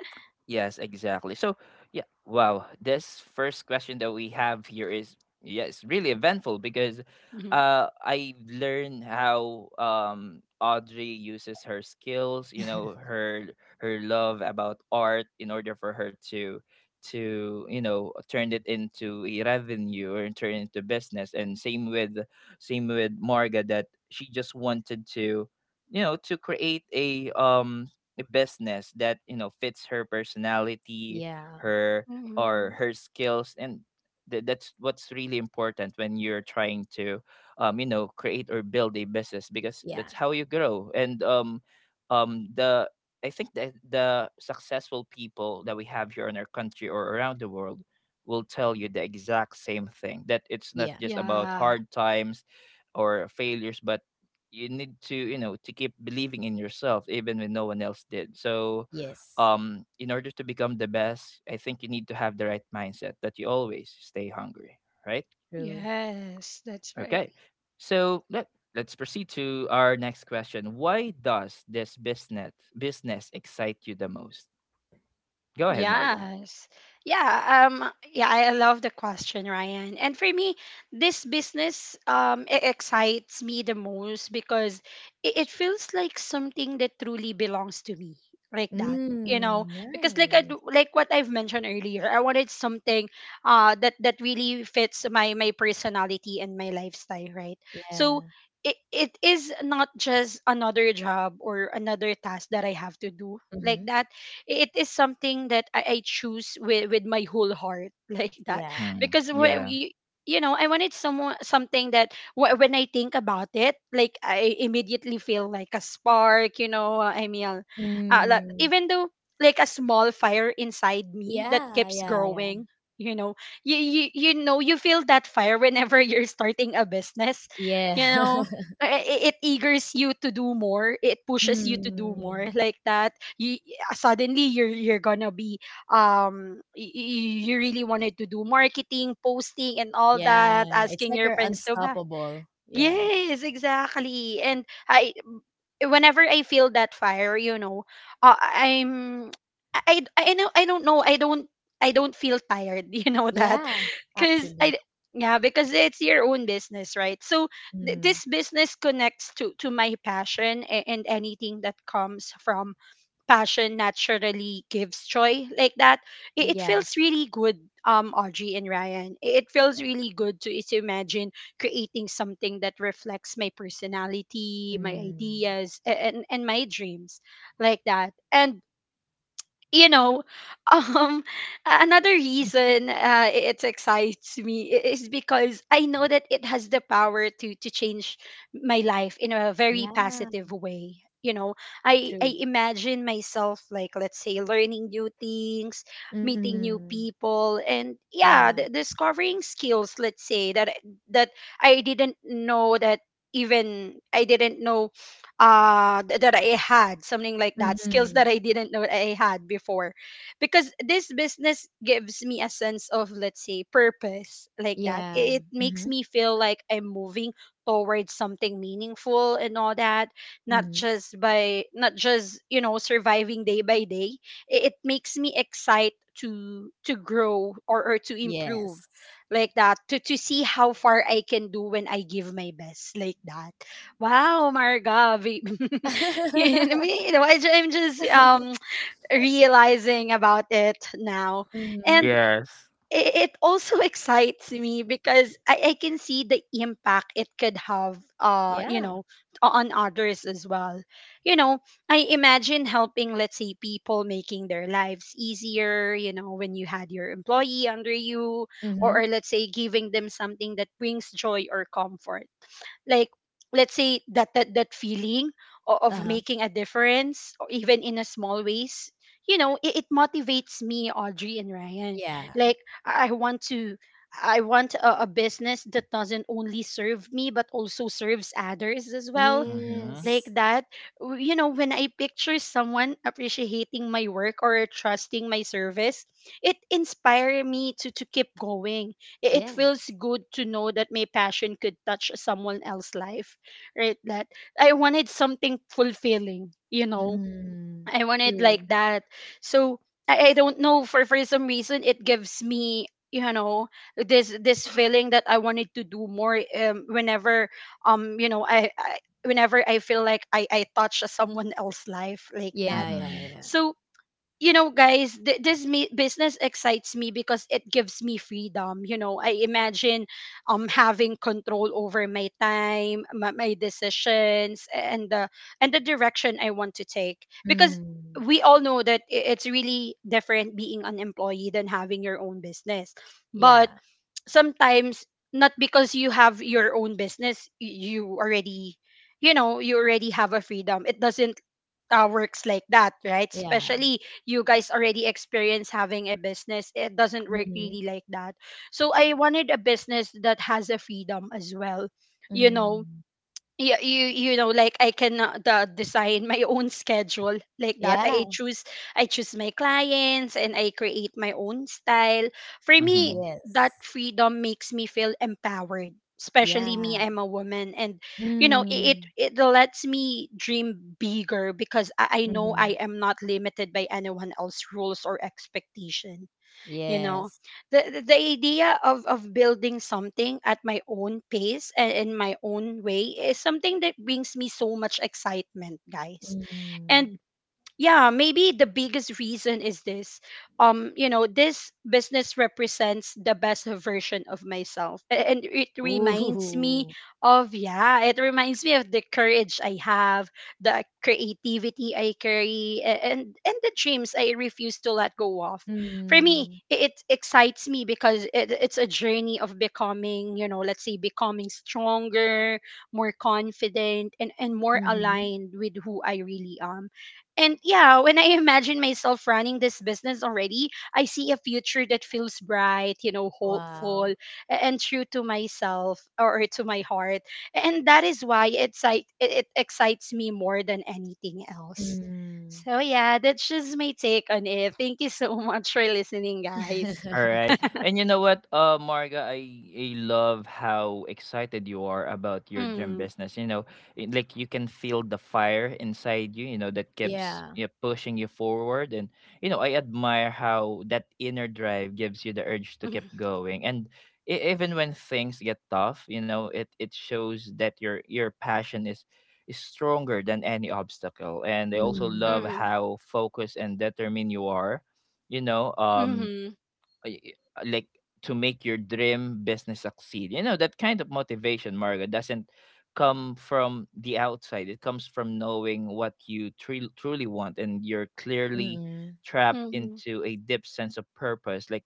A: Yes, exactly. So, yeah, wow. This first question that we have here is, yeah, it's really eventful because
B: Mhm.
A: uh I learned how um Audrey uses her skills, you know, her her love about art in order for her to to you know, turn it into a revenue or turn it into business. And same with same with Marga, that she just wanted to, you know, to create a um business that, you know, fits her personality,
C: Yeah.
A: her or
B: Mhm.
A: her skills. And th- that's what's really important when you're trying to um you know, create or build a business because
C: Yeah.
A: that's how you grow. And um um the I think that the successful people that we have here in our country or around the world will tell you the exact same thing, that it's not
C: Yeah.
A: just about
B: Yeah.
A: hard times or failures, but you need to, you know, to keep believing in yourself even when no one else did. So
C: Yes.
A: um in order to become the best, I think you need to have the right mindset, that you always stay hungry, right?
C: True.
B: Yes, that's right.
A: Okay, so let let's proceed to our next question. Why does this business business excite you the most? Go ahead, Marga.
B: Yes. Yeah, um yeah, I I love the question, Ryan. And for me, this business um it excites me the most because it, it feels like something that truly belongs to me, like that. You know,
C: Mm.
B: because like I, do-
C: Nice.
B: like what I've mentioned earlier, I wanted something uh that that really fits my my personality and my lifestyle, right? So
C: Yeah.
B: it, it is not just another job or another task that I have to do, like
C: Mhm.
B: that. It is something that I, I choose with with my whole heart [laughs] like that.
C: Yeah.
A: Mm-hmm.
B: Because when
A: Yeah.
B: we you know I wanted someone something that wh- when I think about it, like I immediately feel like a spark. You know uh, i mean uh, uh, like,
C: Mm.
B: even though like a small fire inside me that
C: Yeah.
B: keeps
C: Yeah. Yeah.
B: growing, you know. You, you you know you feel that fire whenever [laughs] you're starting a business,
C: Yeah.
B: you know.
C: [laughs]
B: I- I- it eagers you to do more, it pushes you to do
C: Mm.
B: more, like that. You Suddenly you're you're gonna be um y- y- you really wanted to do marketing, posting, and all
C: Yeah.
B: that,
C: It's
B: asking
C: like
B: your
C: you're
B: friends to buy.
C: unstoppable. Yeah.
B: Yes, exactly. And I whenever I feel that fire, you know, uh, i'm I, I i know, I don't know, I don't i don't feel tired, [laughs] you know that.
C: Yeah.
B: because
C: Actually.
B: i yeah, because it's your own business, right? So th-
C: Mhm.
B: this business connects to to my passion, a- and anything that comes from passion naturally gives joy, like that. It, it
C: Yeah.
B: feels really good, um Audrey and Ryan. I- it feels
C: Yeah.
B: really good to is imagine creating something that reflects my personality, my
C: Mm.
B: ideas, a- and and my dreams, like that. And you know, [laughs] um, another
C: [laughs]
B: reason uh, it excites me i- is because I know that it has the power to to change my life in a very
C: Yeah,
B: positive way. You know, I I
C: true.
B: imagine myself, like let's say learning new things, meeting new
C: Mm,
B: people, and yeah,
C: yeah.
B: d- discovering skills. Let's say that I- that I didn't know, that even I didn't know uh th- that I had, something like that, skills
C: Mm-hmm.
B: that I didn't know I had before. Because this business gives me a sense of, let's say, purpose, like that.
C: Yeah.
B: It, it makes
C: Mm-hmm.
B: me feel like I'm moving towards something meaningful and all that, not
C: Mm-hmm.
B: just by not just, you know, surviving day by day. It, it makes me excited to to grow, or, or to improve,
C: Yes.
B: like that, to to see how far I can do when I give my best, like that. Wow, Marga. Ve- [laughs] you know
C: [laughs]
B: me, [laughs] you know, I, ju- I'm just um, realizing about it now.
C: Mm-hmm.
B: And
A: Yes.
B: it, it also [laughs] excites me because I, I can see the impact it could have, uh, you
C: Yeah.
B: know, on others as well. You know, I imagine helping, let's say, people, making their lives easier, you know, when you had your employee under you,
C: Mm-hmm.
B: or, or let's say, giving them something that brings joy or comfort, like let's say that that, that feeling o- of
C: Uh-huh.
B: making a difference, or even in a small ways, you know. It, it motivates me, Audrey and Ryan.
C: Yeah.
B: Like i I want to I want a, a business that doesn't only serve me but also serves others as well,
A: Mm-hmm.
B: like
C: Yes.
B: that. W- you know, when I picture someone appreciating my work or trusting my service, it inspires me to to keep going. I- it feels
C: Yes.
B: good to know that my passion could touch someone else's life, right? That i wanted something fulfilling, you know.
C: Mm,
B: I wanted like
C: true.
B: that. So, I, I don't know, for for some reason it gives me, you know, this this feeling that I wanted to do more um whenever um you know I, I whenever I feel like I I touch someone else's life, like that.
C: Yeah, yeah,
A: Mm-hmm.
C: yeah.
B: So you know guys, th- this me- business excites me because it gives me freedom. You know, I imagine um having control over my time, my, my decisions, and the and the direction I want to take because
C: Mm,
B: we all know that i- it's really different being an employee than having your own business.
C: yeah.
B: But sometimes, not because you have your own business y- you already, you know, you already have a freedom. It doesn't uh, works like that, right?
C: Yeah.
B: Especially you guys already experience having a business, it doesn't work
C: Mm-hmm.
B: really like that. So I wanted a business that has a freedom as well, you know.
C: Mm.
B: Yeah, you you know, like I can uh, the design my [laughs] own schedule, like that. i
C: Yeah.
B: choose i choose my clients and I create my own style. For me,
A: Mm-hmm.
B: that
C: Yes.
B: freedom makes me feel empowered, especially me,
C: Yeah.
B: I'm a woman. And you know, i- it
C: Mm.
B: it lets me dream bigger because i, I know
C: Mm-hmm.
B: I am not limited by anyone else's rules or expectation, you know.
C: Yes.
B: The the the idea of of building something at my own pace and in my own way is something that brings me so much excitement, guys.
C: Mm.
B: And yeah, maybe the biggest reason is this. um you know, this business represents the best version of myself. A- and it reminds me
C: Ooh.
B: of, yeah, it reminds me of the courage I have, the creativity I carry, a- and and the dreams I refuse to let go of. For me,
C: Mm.
B: i- it excites me because it, it's a journey of becoming, you know, let's say becoming stronger, more confident, and and more
C: Mhm.
B: aligned with who I really am. And yeah, when I imagine myself running this business already, I see a future that feels bright, you know, hopeful,
C: Wow.
B: a- and true to myself or or to my heart. And that is why it's like it, it excites me more than anything else.
C: Mm.
B: So yeah, that's just my take on it. Thank you so [laughs] much for listening, guys.
A: All right.
C: [laughs]
A: And you know what, uh, Marga, I, I love how excited you are about your gym
B: Mm,
A: business. You know, it- like, you can feel the fire inside you, you know, that keeps,
C: Yeah.
A: you know, pushing you forward. And, you know, I admire how that inner drive gives you the urge
B: [laughs]
A: to
B: mm,
A: keep going. And e- even when things get tough, you know, it, it shows that your, your passion is, is stronger than any obstacle. And I also love
C: Mm.
B: mm,
A: how focused and determined you are. You know, um,
B: mm,
A: uh, y- y- like, to make your dream business succeed. You know, that kind of motivation, Margaret, doesn't come from the outside. It comes from knowing what you tru- truly want, and you're clearly
C: Mm.
A: trapped
B: mm,
A: into a deep sense of purpose. Like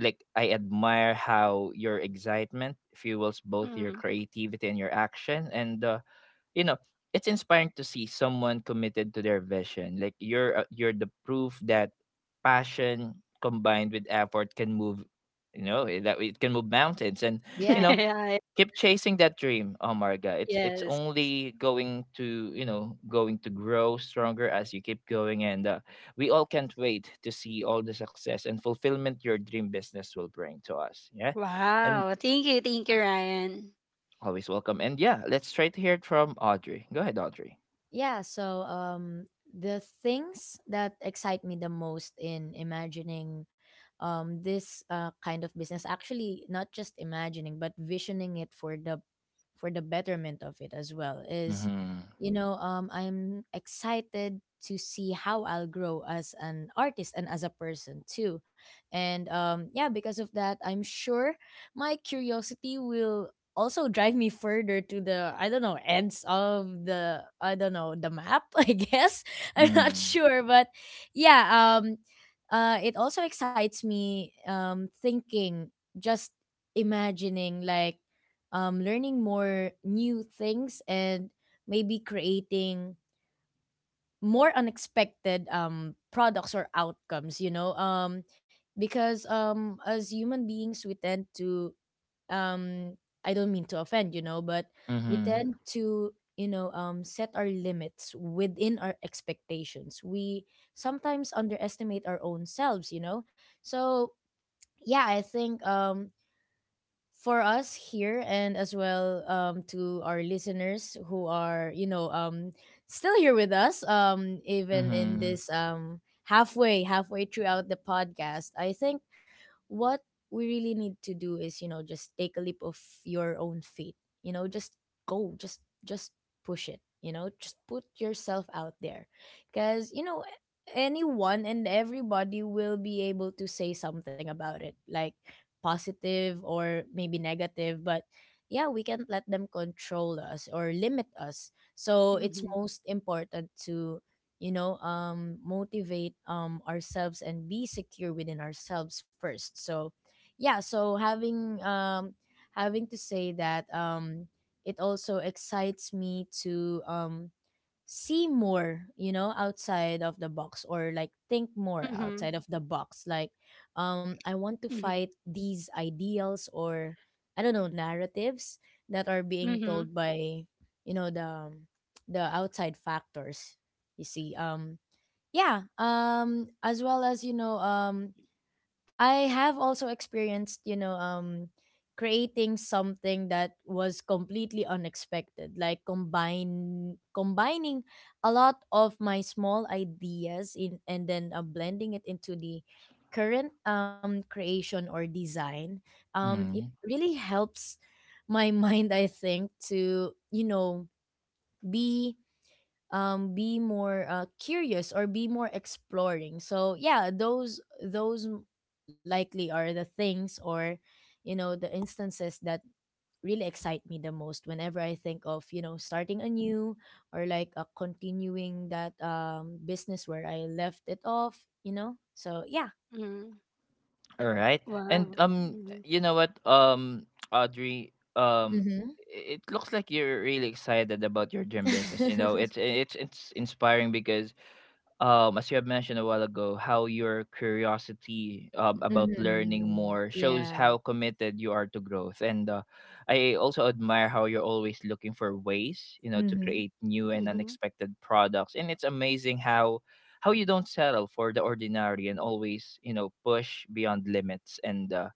A: like I admire how your excitement fuels both your
B: mm.
A: creativity and your action. And uh, you know, it's inspiring to see someone committed to their vision. Like, you're uh, you're the proof that passion combined with effort can move, you know, eh, that it can move mountains. And you
B: [laughs]
A: know,
C: Yeah.
B: Yeah,
A: keep chasing that dream. Oh, it's it's
B: yes.
A: only going to, you know, going to grow stronger as you keep going. And uh, we all can't wait to see all the success and fulfillment your dream business will bring to us. Yeah. And
B: Wow. Thank you. Thank you, Ryan.
A: always welcome. And yeah, let's try to hear it from Audrey. Go ahead, Audrey.
C: Yeah, so um the things that excite me the most in imagining um this uh, kind of business, actually not just imagining but visioning it for the, for the betterment of it as well, is,
A: Hmm.
C: you know, um I'm excited to see how I'll grow as an artist and as a person too. And um yeah, because of that, I'm sure my curiosity will also drive me further to the, I don't know, ends of the, I don't know, the map, [laughs] I guess. I'm not
A: Mm.
C: sure, but yeah. um uh it also excites me um thinking, just imagining like um learning more new things and maybe creating more unexpected um products or outcomes, you know. Um because um as human beings we tend to um I don't mean to offend, you know, but we
A: Mhm.
C: tend to, you know, um set our limits within our expectations. We sometimes underestimate our own selves, you know. So yeah, I think um for us here and as well, um, to our listeners who are, you know, um, still here with us, um, even in
A: Mhm.
C: this, um, halfway halfway throughout the podcast, I think what we really need to do is, you know, just take a leap of your own feet, you know, just go, just just push it, you know, just put yourself out there. Because, you know, anyone and everybody will be able to say something about it like positive or maybe negative. But yeah, we can't let them control us or limit us, so it's
B: Mm-hmm.
C: most important to, you know, um motivate um ourselves and be secure within ourselves first. So yeah, so having um having to say that, um it also excites me to um see more, you know, outside of the box, or like think more
B: Mm-hmm.
C: outside of the box, like um I want to
B: Mhm.
C: fight these ideals or, I don't know, narratives that are being
B: Mhm.
C: told by, you know, the um, the outside factors you see. Um yeah, um as well as, you know, um I have also experienced, you know, um, creating something that was completely unexpected, like combine combining a lot of my small ideas in and then uh, blending it into the current um creation or design. Um, it
A: Mhm.
C: really helps my [laughs] mind, I think, to, you know, be um be more uh, curious or be more exploring. So yeah, those those likely are the things or, you know, the instances that really excite me the most whenever I think of, you know, starting anew or like uh, continuing that um business where I left it off, you know. So yeah.
B: Mhm.
A: All right. And
B: Wow.
A: um
B: Mhm.
A: you know what, um Audrey, um
C: Mm-hmm.
A: i- it looks like you're really excited about your gym business. You know, it's
C: [laughs]
A: it's it's inspiring because um, as you have mentioned a while ago, how your curiosity um, about learning
C: Mm-hmm.
A: more shows
C: Yeah.
A: how committed you are to growth. And uh, I also admire how you're always looking for ways, you know, to
C: Mm-hmm.
A: create new and
B: Mhm.
A: unexpected products. And it's amazing how how you don't settle for the ordinary and always, you know, push beyond limits. And uh,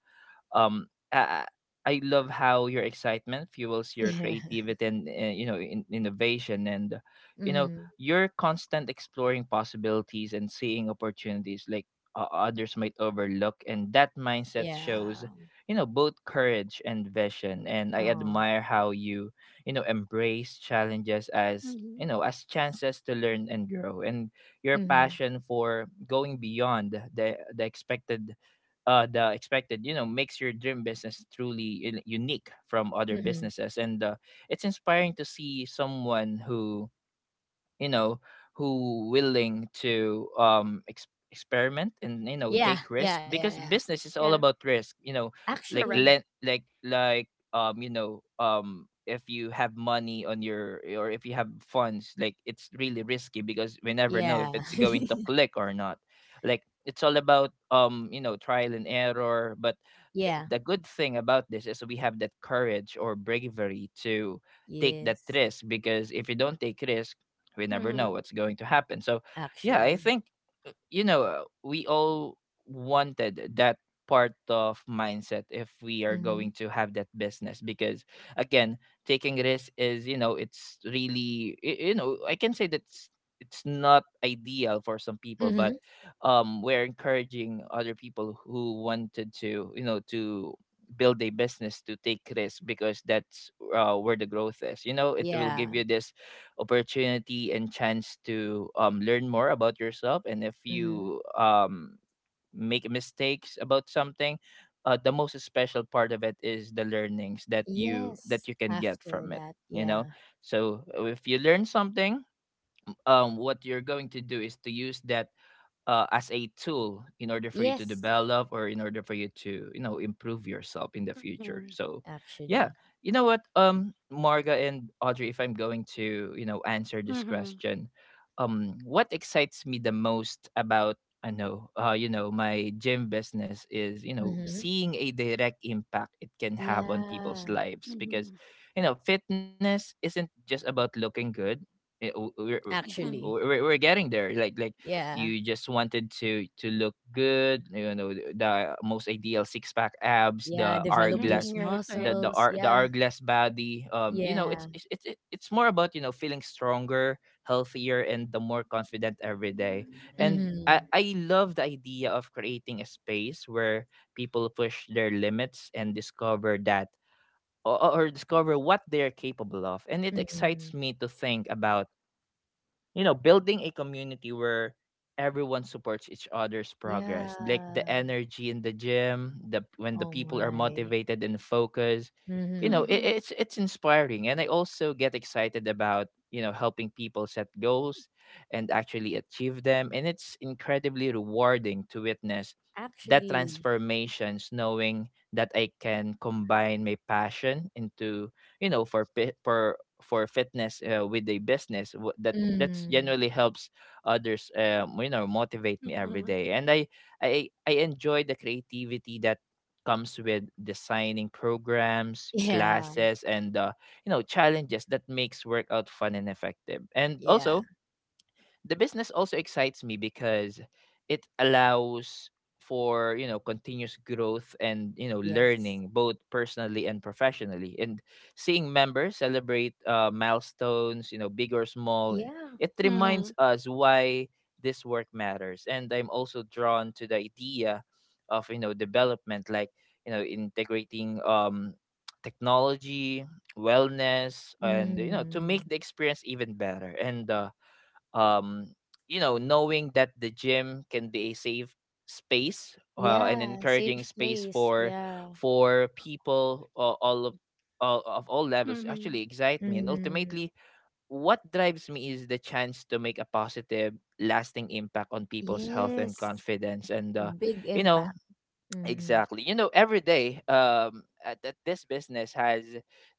A: um I, I love how your excitement fuels your
C: Yeah.
A: creativity and uh, you know, in, innovation, and you know,
C: Mm-hmm.
A: your constant exploring possibilities and seeing opportunities like, uh, others might overlook. And that mindset
C: Yeah.
A: shows, you know, both courage and vision. And I
C: Oh.
A: admire how you, you know, embrace challenges as, you
B: Mhm.
A: know, as chances to learn and grow. And your
C: Mm-hmm.
A: passion for going beyond the the expected, uh, the expected, you know, makes your dream business truly u- unique from other
C: Mm-hmm.
A: businesses. And uh, it's inspiring to see someone who, you know, who willing to um ex- experiment and, you know,
C: Yeah,
A: take
C: yeah,
A: risk,
C: yeah,
A: because
C: yeah.
A: business is all
B: Yeah.
A: about risk, you know, like
B: Correct.
C: Actually,
A: lend like like um you know, um if you have money on your, or if you have funds, like, it's really risky because we never know if
C: yeah.
A: it's going to
C: [laughs]
A: click or not, like, it's all about um you know, trial and error. But i-
C: Yeah.
A: the good thing about this is we have that courage or bravery to take that
C: Yes,
A: risk, because if you don't take risk, we never know
B: Mhm.
A: what's going to happen. So yeah, I
C: actually.
A: think, uh, you know, uh, we all wanted that part of mindset if we are
C: Mhm.
A: going to have that business. Because again, taking risk is, you know, it's really y- you know, I can say that's it's it's not ideal for some people.
C: Mhm.
A: But um we're encouraging other people who wanted to, you know, to build a business, to take risk because that's, uh, where the growth is. You know, it will
C: Yeah.
A: give you this opportunity and chance to um, learn more about yourself. And if
C: Mhm.
A: you um, make mistakes about something, uh, the most special part of it is the learnings that you
C: Yes,
A: that you can get
C: after
A: from it.
C: that.
A: You know,
C: Yeah.
A: so if you learn something, um, what you're going to do is to use that uh, as a tool in order for you to
C: Yes,
A: develop, or in order for you to, you know, improve yourself in the future.
B: Mhm.
A: So yeah,
C: actually.
A: you know what, um Marga and Audrey, if I'm going to, you know, answer this
B: Mhm.
A: question, um what excites me the most about, I know, uh you know, my gym business is, you know,
C: Mhm.
A: seeing a direct impact it can have on people's
C: Yeah.
A: lives. Because,
B: Mhm.
A: you know, fitness isn't just about looking good. Eh, w- we're,
B: Mhm.
C: Actually.
A: we're, we're we're getting there, like like
C: Yeah.
A: you just wanted to to look good, you know, th- the most ideal six pack abs,
C: Yeah,
A: the
C: develop those
A: hourglass,
B: Mhm. You're right.
A: the
B: Right.
A: the
C: muscles.
A: hour, the
C: Yeah.
A: hourglass body. Um you know,
C: Yeah.
A: it's it's it's it- it's more about, you know, feeling stronger, healthier, and the more confident every day. And i
C: Mhm.
A: i love the idea of creating a space where people push their limits and discover that, or, or discover what they're capable of. And it excites
C: Mhm.
A: me to think about, you know, building a community where everyone supports each other's progress, like the
C: Yeah.
A: energy in the gym, the when
C: Oh
A: the people are
C: my.
A: motivated and focused, you know,
C: Mhm.
A: it,
B: Mhm.
A: it's it's inspiring. And I also get excited about, you know, helping people set goals and actually achieve them. And it's incredibly rewarding to witness that
C: Actually.
A: transformations, knowing that I can combine my passion into, you know, for pi- for for fitness uh, with a business w- that that's
C: Mhm.
A: generally helps others, um, you know, motivate me every
B: Mhm.
A: day. And I, I i enjoy the creativity that comes with designing programs,
C: Yeah.
A: classes, and uh, you know, challenges that makes workout fun and effective. And
C: Yeah.
A: also the business also excites me because it allows for, you know, continuous growth and, you know,
C: Yes.
A: learning both personally and professionally. And seeing members celebrate uh, milestones, you know, big or small,
C: Yeah.
A: it
C: Yeah.
A: reminds
B: Mhm.
A: us why this work matters. And I'm also drawn to the idea of, you know, development, like, you know, integrating um [tsk] technology, wellness, and, you know, to make
C: Mm.
A: the experience even better. And uh, um you know, knowing that the gym can be a safe space, uh, an
C: Yeah. Safe
A: encouraging space
C: place.
A: for
C: Yeah.
A: for people, uh, all of all, of all levels actually
B: Mhm.
A: excite me. And
C: Mm.
A: ultimately, what drives me is the chance to make a positive lasting impact on people's health and
C: Yes.
A: confidence. And
C: A
A: uh,
C: big
A: you know,
C: impact. Mm.
A: exactly. You know, every day, um, at, at this business has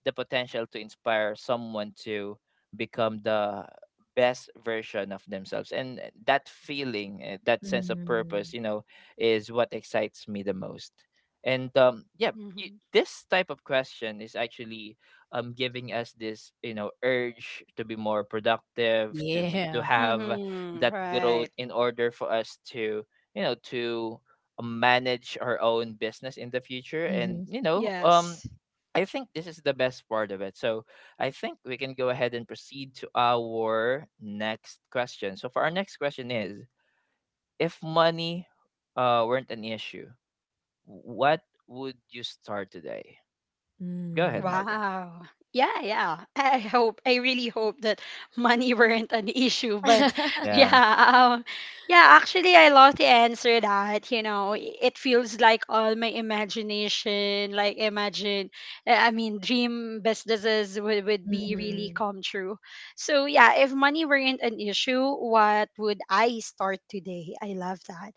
A: the potential to inspire someone to become the best version of themselves. And uh, that feeling, uh, that sense of purpose,
C: Mm.
A: you know, is what excites me the most. And um, yeah, you,
B: Mhm.
A: this type of question is actually um giving us this, you know, urge to be more productive, to be to
C: Yeah.
A: have
B: Mhm.
A: that growth
B: Right.
A: in order for us to you know to manage our own business in the future,
C: Mm-hmm.
A: and you know um
B: Yes.
A: I think this is the best part of it. So I think we can go ahead and proceed to our next question. So for our next question is, if money uh weren't an issue, what would you start today? Go ahead,
C: Mm.
A: Marga.
B: Wow. Yeah, yeah. I hope, I really hope that [laughs] money weren't an issue. But [laughs] yeah,
C: [laughs]
A: Yeah.
B: um, yeah, actually, I love to answer that. You know, i- it feels like all my imagination, like imagine, uh, I mean, dream businesses would, would be really
C: Mm-hmm.
B: come true. So yeah, if money weren't an issue, what would I start today? I love that.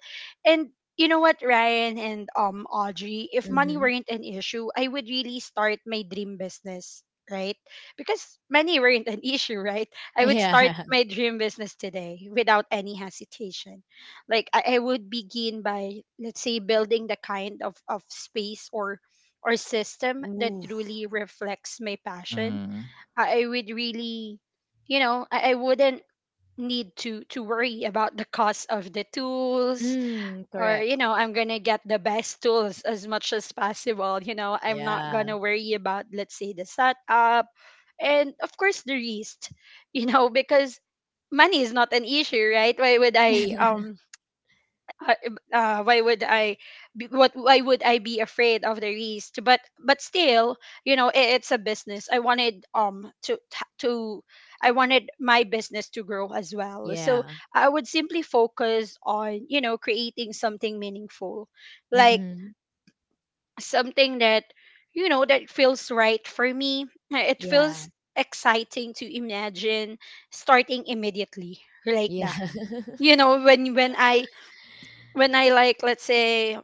B: And you know what, Ryan and um Audrey, if
C: Mm-hmm.
B: money weren't an issue, I would really start my dream business, right? Because money weren't an [laughs] issue, right? I would
C: Yeah.
B: start my dream business today without any hesitation. Like I, I would begin by, let's say, building the kind of, of space or or
C: [laughs]
B: system that
C: Oof.
B: truly reflects my passion.
A: Mm-hmm.
B: I, I would really you know, I, I wouldn't need to to worry about the cost of the tools
C: Mm,
B: or
C: correct.
B: you know I'm gonna get the best [laughs] tools as much as possible. you know I'm not
C: Yeah.
B: gonna worry about, let's say, the setup, and of course the risk. [laughs] You know because money is not an issue, right? Why would I
C: [laughs]
B: um uh, uh, why would I be, what, why would I be afraid of the risk? But but still, you know, it, it's a business. I wanted um to to I wanted my business to grow as well. So
C: Yeah.
B: I would simply focus on you know creating something meaningful, like
C: Mm-hmm.
B: something that you know that feels right for me. It
C: Yeah.
B: feels exciting to imagine starting immediately like
C: Yeah.
B: that. You
C: [laughs]
B: know, when when I when I like, let's say,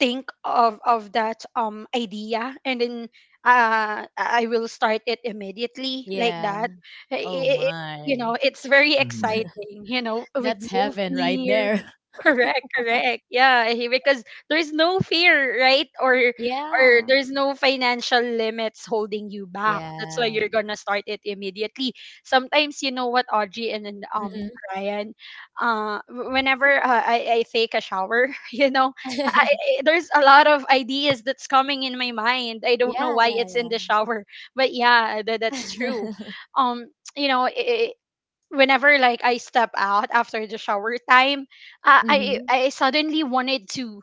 B: think of of that um idea, and then uh I will start it immediately like
C: Yeah.
B: that. I-
C: Oh
B: i- i- you
C: my.
B: know, it's very
A: Mm-hmm.
B: exciting, you know, with
C: That's
B: no
C: heaven right
B: fear.
C: there. [laughs]
B: [laughs] Correct, correct. Yeah, he- because there's no fear, right? Or or
C: Yeah.
B: there's no financial limits holding you back. That's why
C: Yeah.
B: you're gonna start it immediately. Sometimes, you know what, Audrey, and then, um
C: Mm-mm.
B: Ryan, uh w- whenever uh, I, I take a shower, [laughs] you know, I,
C: [laughs]
B: I, there's a lot of ideas that's coming in my mind. I don't know
C: Yeah,
B: why
C: yeah,
B: it's in
C: yeah.
B: the shower, [laughs] but yeah, that, that's true.
C: [laughs]
B: um [tsk] you know, I whenever, like, I step out after the shower time, uh, i
C: Mhm.
B: i suddenly wanted to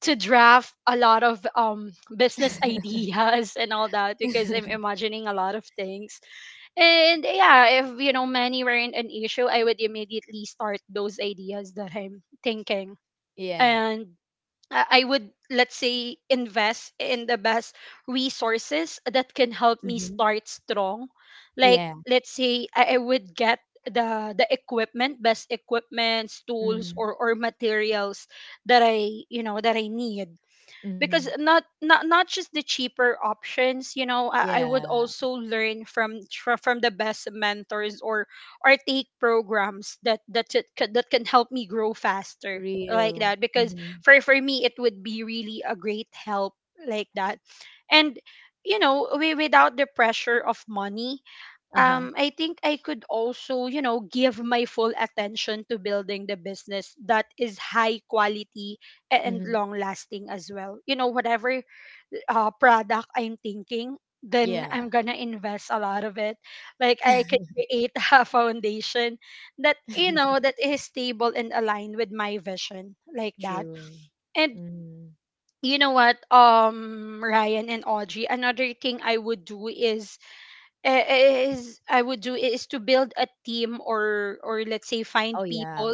B: to draft a lot of um business [laughs] ideas and all that, because I'm
C: [laughs]
B: imagining a lot of things. And yeah, if, you know, money weren't an issue, I would immediately start those ideas that I'm thinking.
C: Yeah.
B: And I I would, let's say, invest in the best resources that can help me
C: Mhm.
B: start strong. Like,
C: Yeah.
B: let's say I, I would get the the equipment, best equipments, tools,
C: Mhm.
B: or or materials that I, you know, that I need.
C: Mhm.
B: Because not not not just the cheaper options, you know, i, I would
C: Yeah.
B: also learn from tr- from the best mentors or or take programs that that it c- that can help me grow faster like
C: Real.
B: that. Because
C: Mhm.
B: for for me, it would be really a great help like that. And, you know, we, without the pressure of money,
C: Uh-huh.
B: um, I think I could also, you know, give my full attention to building the business that is high quality and
C: Mhm.
B: long lasting as well. You know, whatever uh, product I'm thinking, then
C: Yeah.
B: I'm gonna invest a lot of it. Like, I can create [laughs] a foundation that, you know,
C: [laughs]
B: that is stable and aligned with my vision, like that.
C: True.
B: And,
C: Mhm.
B: you know what, um, Ryan and Audrey, another thing I would do is uh, is I would do is to build a team or or let's say, find
C: Oh yeah.
B: people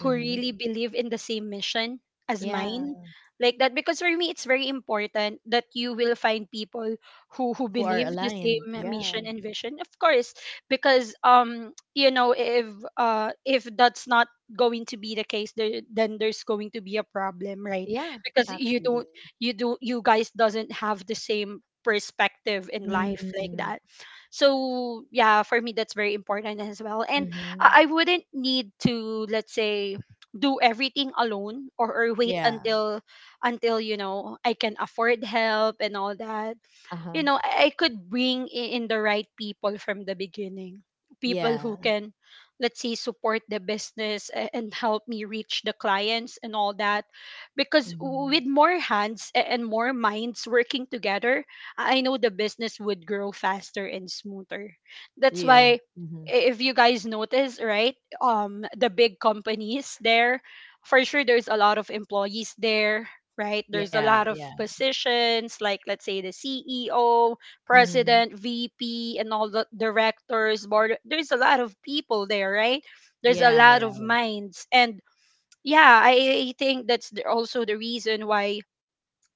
B: who really believe in the same mission as
C: Yeah.
B: mine, like that. Because for me, it's very important that you will find people who who
C: Who are
B: believe the
C: aligned.
B: same
C: Yeah.
B: mission and vision, of course. Because um you know, if uh if that's not going to be the case there, then there's going to be a problem, right?
C: Yeah,
B: Because you
C: actually.
B: don't you do you guys doesn't have the same perspective in life, like
C: Mm.
B: that. So yeah, for me, that's very important as well. And
C: Mhm.
B: I I wouldn't need to, let's say, do everything alone, or, or wait
C: Yeah.
B: until until you know, I can afford help and all that.
C: Uh-huh.
B: You know, I, I could bring i- in the right people from the beginning. People who
C: Yeah.
B: can, let's say, support the business a- and help me reach the clients and all that. Because w-
C: Mhm.
B: with more hands a- and more minds working together, I know the business would grow faster and smoother. That's
C: Real.
B: why,
C: Mhm.
B: i- if you guys notice, right, um, the big companies there, for sure, there's a lot of employees there, right? There's a
C: Yeah,
B: lot of
C: yeah.
B: positions, like, let's say, the C E O,
C: Mhm.
B: president, V P, and all the directors, board. There's a lot of people there, right? There's a
C: Yeah,
B: lot
C: yeah,
B: of minds. And yeah, I I think that's the, also the reason why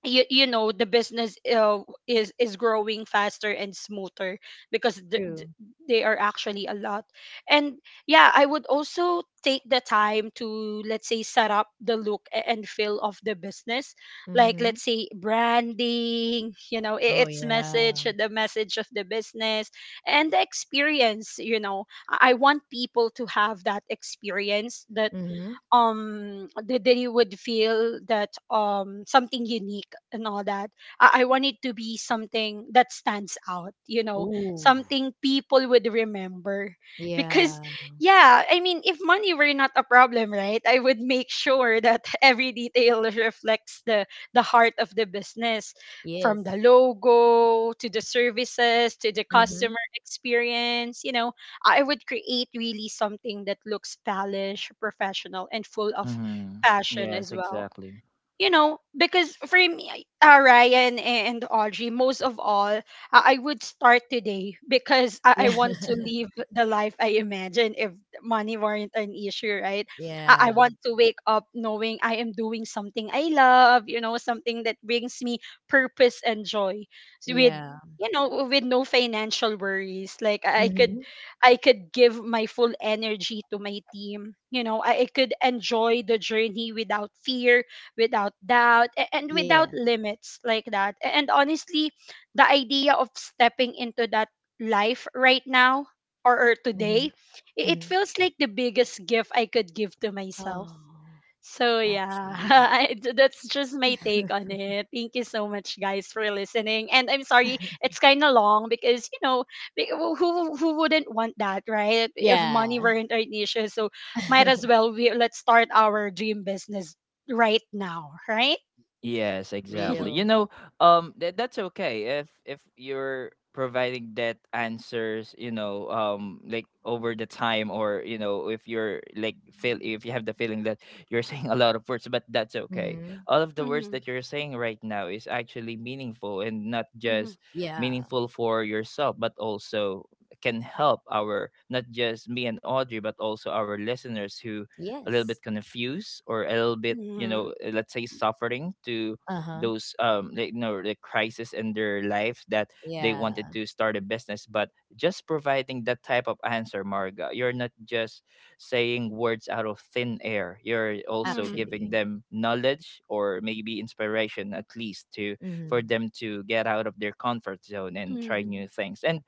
B: you, you know, the business uh, is is growing faster and smoother, because th- th-
C: true.
B: they are actually a lot. And yeah, I would also take the time to, let's say, set up the look a- and feel of the business, like,
C: Mhm.
B: let's say, branding. You know, I-
C: Oh,
B: its message
C: yeah.
B: the message of the business and the experience. You know, i I want people to have that experience that
C: Mhm.
B: um that that you would feel that, um something unique and all that. I, I want it to be something that stands out, you know,
C: Ooh.
B: something people would remember. Because
C: Yeah.
B: yeah, I mean, if money were not a problem, right, I would make sure that [laughs] every detail reflects the the heart of the business,
C: Yes.
B: from the logo to the services to the
C: Mhm.
B: customer experience. you know I would create really something that looks polished, professional, and full of
A: Mm-hmm.
B: passion
A: Yes,
B: as well.
A: exactly.
B: You know, because for me, uh, Ryan and Audrey, most of all, uh, I would start today because I, I
C: Yeah.
B: want
C: [laughs]
B: to live the life I imagine if money weren't an issue, right? I, I
C: Yeah.
B: want to wake up knowing I am doing something I love, you know, something that brings me purpose and joy. So with,
C: Yeah.
B: you know, with no financial worries, like, i could
C: Mhm.
B: i could give my full energy to my team. You know, i, I could enjoy the journey without fear, without doubt, a- and
C: Yeah.
B: without limits, like that. A- and honestly, the idea of stepping into that life right now, or, or today,
C: Mhm.
B: i- it
C: Mhm.
B: feels like the biggest gift I could give to myself.
C: Oh,
B: So yeah, [laughs]
C: actually.
B: I, th- that's just my take on
C: [laughs]
B: it. Thank you so much, guys, for listening. And I'm sorry it's kind of long, because, you know, be- who who wouldn't want that, right? If money
C: Yeah.
B: weren't an issue, so might as
C: [laughs]
B: well we let's start our dream business right now, right?
A: Yes, exactly.
B: [laughs]
A: You
C: Real.
A: know, um, that that's okay if if you're providing that answers, you know, um, like over the time, or you know, if you're like feel if you have the feeling that you're [laughs] saying a lot of words, but that's okay.
C: Mhm.
A: All of the words
B: Mm-hmm.
A: that you're saying right now is actually meaningful, and not
B: Mm-hmm.
A: just
C: Yeah.
A: meaningful for yourself, but also can help our, not just me and Audrey, but also our listeners who a little
C: Yes.
A: bit confused or a little bit you
B: Mm-hmm.
A: know uh, let's say suffering to
C: Uh-huh.
A: those um like, you know, the crisis in their life, that they
C: Yeah.
A: wanted to start a business. But just providing that type of answer, Marga, you're not just saying words out of thin air. You're also giving
C: Actually.
A: them knowledge or maybe inspiration, at least, to
C: Mhm.
A: for them to get out of their comfort zone and try
B: Mm-hmm.
A: new things. And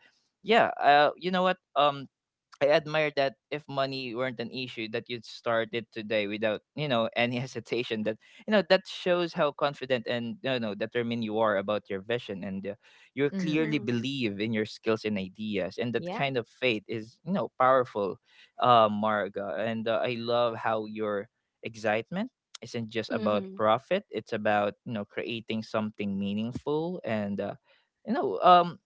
A: yeah, uh, you know what, um I admire that if money weren't an issue, that you'd start it today without, you know, [laughs] any hesitation. That, you know, that shows how confident and, you know, determined you are about your vision. And uh, you
C: Mhm.
A: clearly
B: Mm-hmm.
A: believe in your skills and ideas. And that
C: Yeah.
A: kind of faith is, you know, powerful, uh, Marga. And uh, I love how your excitement isn't just about
B: Mm-hmm.
A: profit; it's about, you know, creating something meaningful. And. Uh, you know, um,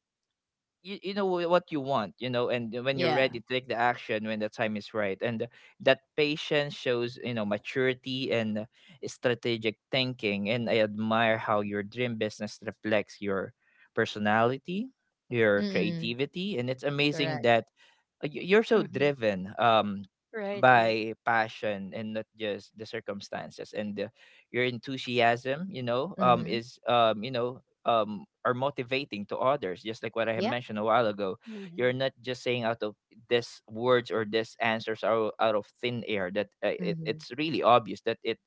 A: you, you know wh- what you want, you know, and when you're
C: Yeah.
A: ready, take the action when the time is right. And that patience shows, you know, maturity and strategic thinking. And I admire how your dream business reflects your personality, your
C: Mm.
A: creativity. And it's amazing
C: Correct.
A: that uh, y- you're so
B: Mm-hmm.
A: driven um
B: Right, right.
A: by passion and not just the circumstances. And uh, your enthusiasm, you know, um
C: Mhm.
A: is, um you know, um are motivating to others, just like what I had
C: Yeah.
A: mentioned a while ago. You're
B: Mm-hmm.
A: not just saying out of this words, or this answers are out of thin air. That uh, it,
C: Mhm.
A: it's really obvious that it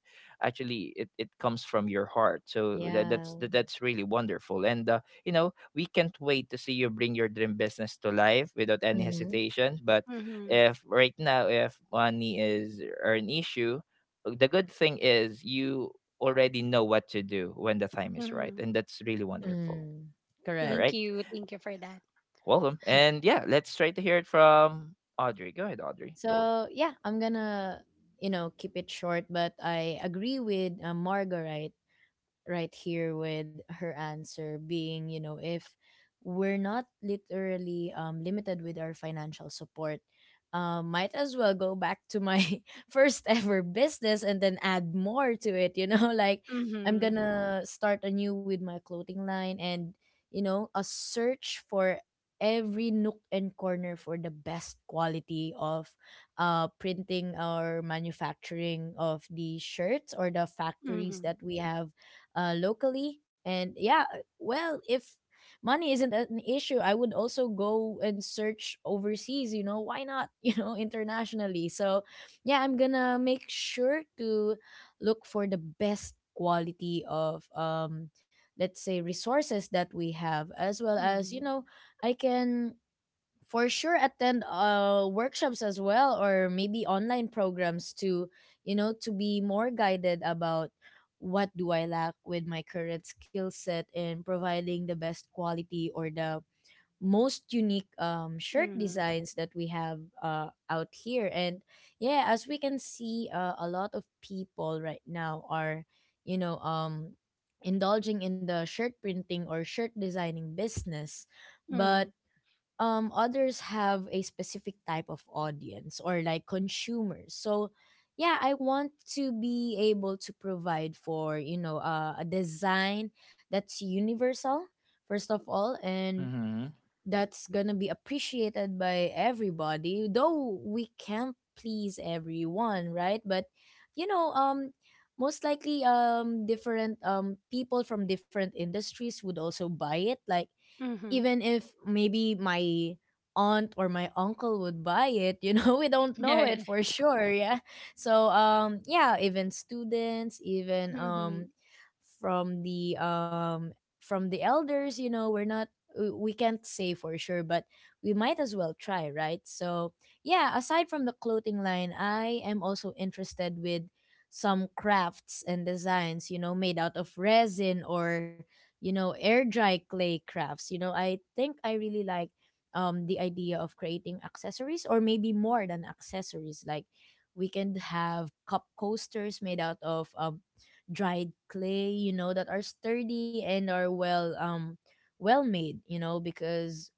A: actually it, it comes from your heart. So that, that's
C: Yeah.
A: that, that's really wonderful. And uh, you know, we can't wait to see you bring your dream business to life without any
C: Mhm,
A: hesitation. But
B: Mm-hmm.
A: if right now, if money is or an issue, the good thing is you already know what to do when the time is right.
B: Mm-hmm.
A: And that's really wonderful.
C: mm,
A: All
C: correct.
B: Thank
A: right.
B: you. Thank you for that.
A: Welcome. And yeah, let's try to hear it from Audrey. Go ahead, Audrey.
C: So yeah, I'm gonna you know keep it short, but I agree with uh, Margaret right here with her answer being, you know, if we're not literally um, limited with our financial support, um, might as well go back to my [laughs] first ever business and then add more to it. You know, [laughs] like I'm
B: Mm-hmm.
C: gonna start anew with my clothing line and, you know, a search for every nook and corner for the best quality of uh, printing or manufacturing of the shirts or the factories
B: Mm-hmm.
C: that we have uh, locally. And yeah, uh, well, if money isn't an issue, I would also go and search overseas, you know, why not, [laughs] you know, internationally. So yeah, I'm gonna make sure to look for the best quality of um let's say resources that we have, as well as you
B: Mhm.
C: know I can for sure attend uh workshops as well, or maybe online programs to you know to be more guided about what do I lack with my current skill set in providing the best quality or the most unique um, shirt
B: Mhm.
C: designs that we have uh, out here. And yeah, as we can see, uh, a lot of people right now are you know um indulging in the shirt printing or shirt designing business.
B: Mhm.
C: But um others have a specific type of audience, or like consumers. So yeah, I want to be able to provide for, you know uh, a design that's universal first of all, and
A: Mm-hmm.
C: that's gonna be appreciated by everybody, though we can't please everyone, right? But you know um most likely um different um people from different industries would also buy it. Like,
B: Mhm.
C: even if maybe my aunt or my uncle would buy it, you know [laughs] we don't
B: [laughs]
C: know
B: Yeah.
C: it for sure. [laughs] Yeah. So um yeah, even students, even
B: Mhm.
C: um from the um from the elders, you know we're not, we we can't say for sure, but we might as well try, right? So yeah, aside from the clothing line, I am also interested with some crafts and designs, you know made out of resin, or you know, air dry clay crafts. You know, I think I really like um the idea of creating accessories, or maybe more than accessories. Like, we can have cup coasters made out of um dried clay, you know, that are sturdy and are well um well made, you know, because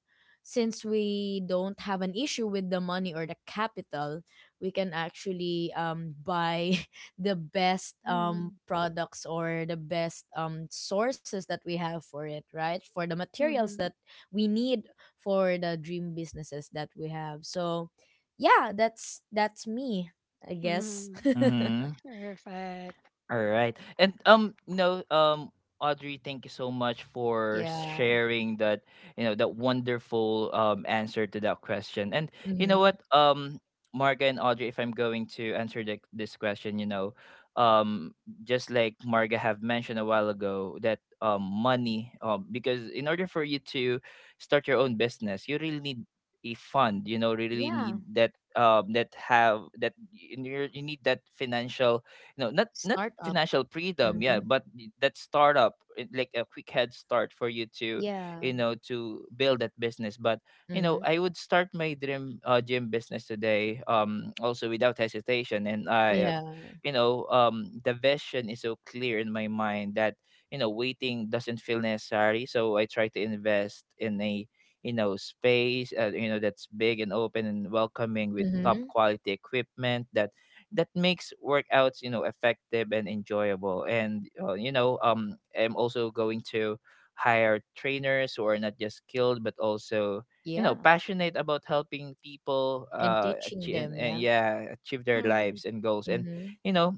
C: since we don't have an issue with the money or the capital, we can actually um buy the best
B: Mhm.
C: um products or the best um sources that we have for it, right, for the materials
B: Mhm.
C: that we need for the dream businesses that we have. So yeah, that's that's me, I guess.
B: Mhm.
C: [laughs]
A: Mm-hmm.
B: Perfect.
A: All right. And um no, um Audrey, thank you so much for
C: Yeah.
A: sharing that, you know, that wonderful um answer to that question. And you know
C: Mm-hmm.
A: what, um Marga and Audrey, if I'm going to answer the, this question, you know, um just like Marga have mentioned a while ago, that um money, um because in order for you to start your own business, you really need a fund, you know, really
C: Yeah.
A: need that, um that have that, you, you need that financial. You know, not not
C: Startup.
A: financial freedom, yeah,
C: Mm-hmm.
A: but that startup, it- like a quick head start for you to,
C: Yeah.
A: you know, to build that business. But you know,
C: Mm-hmm.
A: I would start my dream uh, gym business today, um also without hesitation. And I, uh,
C: Yeah.
A: you know, um the vision is so clear in my mind that, you know, waiting doesn't feel necessary. So I try to invest in a, you know, space, uh, you know, that's big and open and welcoming, with top
C: Mm-hmm.
A: quality equipment, that that makes workouts, you know, effective and enjoyable. And uh, you know, um I'm also going to hire trainers who are not just skilled but also, you
C: Yeah.
A: know, passionate about helping people
C: And
A: uh
C: teaching
A: achieve, and,
C: them.
A: and
C: Yeah.
A: yeah, achieve their
B: Mhm.
A: lives and goals. And
C: Mm-hmm.
A: you know,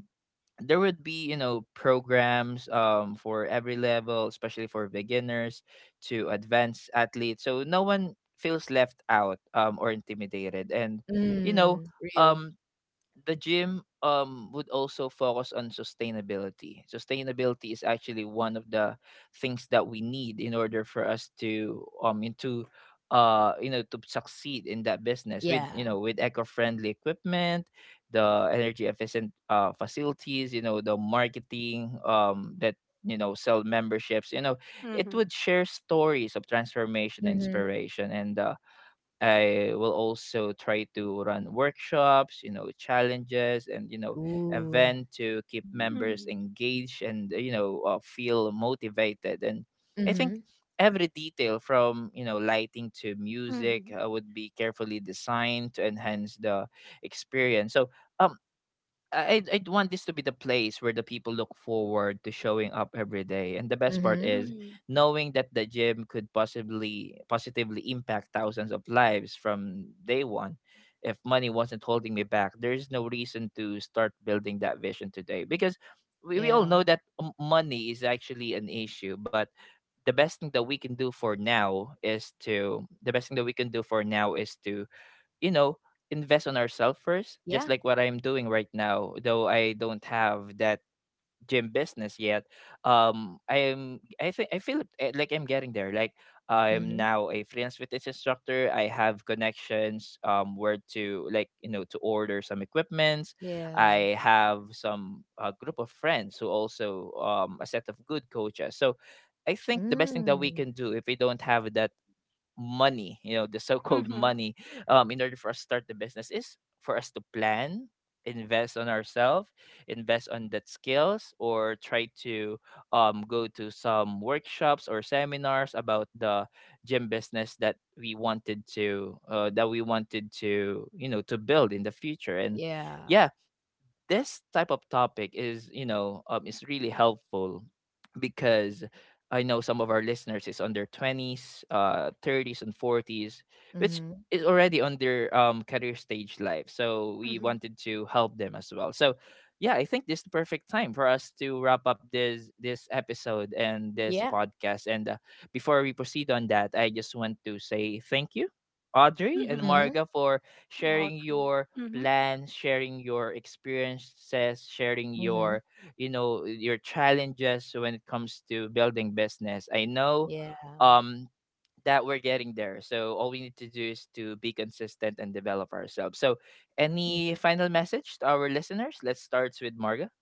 A: there would be, you know, programs um for every level, especially for beginners to advanced athletes, so no one feels left out um or intimidated. And you
C: Mm,
A: know,
C: real.
A: um the gym, um would also focus on sustainability. Sustainability is actually one of the things that we need in order for us to um into uh you know, to succeed in that business, with, you
C: Yeah.
A: know, with eco-friendly equipment, the energy efficient uh facilities, you know, the marketing um that, you know, sell memberships. You know, it
B: Mhm.
A: would share stories of transformation and
C: Mm-hmm.
A: inspiration. And uh, I will also try to run workshops, you know, challenges, and you know,
C: Ooh.
A: event to keep members
B: Mhm.
A: engaged and uh, you know, uh, feel motivated. And I think
C: Mm-hmm.
A: every detail from, you know, lighting to
B: Mhm.
A: music uh, would be carefully designed to enhance the experience. So, um I I want this to be the place where the people look forward to showing up every day. And the best part
C: Mm-hmm.
A: is
B: Mhm.
A: knowing that the gym could possibly positively impact thousands of lives from day one. If money wasn't holding me back, there's no reason to start building that vision today, because we, we all
C: Yeah.
A: know that m- money is actually an issue. But the best thing that we can do for now is to the best thing that we can do for now is to you know, invest on ourselves first, just
C: Yeah.
A: like what I'm doing right now. Though I don't have that gym business yet, um, I am. I think I feel eh, like I'm getting there. Like I'm
C: Mhm.
A: now a freelance fitness instructor. I have connections. Um, where to, like, you know, to order some equipments.
C: Yeah.
A: I have some a group of friends who also um a set of good coaches. So I think the best thing that we
C: Mm.
A: can do if we don't have that money, you know, the so-called
B: Mhm.
A: money, um, in order for us to start the business, is for us to plan, invest on ourselves, invest on that skills, or try to um, go to some workshops or seminars about the gym business that we wanted to uh, that we wanted to you know, to build in the future. And
C: Yeah.
A: yeah, this type of topic is, you know, um, is really helpful, because I know some of our listeners is on their twenties, uh, thirties, and forties, which
C: Mhm.
A: is already on their um, career stage life. So we
B: Mhm.
A: wanted to help them as well. So yeah, I think this is the perfect time for us to wrap up this this episode and this
C: Yeah.
A: podcast. And uh, before we proceed on that, I just want to say thank you, Audrey and
B: Mhm.
C: Mhm.
A: Marga, for sharing
B: Welcome.
A: your
B: Mhm.
A: plans, sharing your experiences, sharing your,
C: Mhm.
A: you know, your challenges when it comes to building business. I know,
C: Yeah.
A: um that we're getting there, so all we need to do is to be consistent and develop ourselves. So any
C: Mhm.
A: final message to our listeners? Let's start with Marga.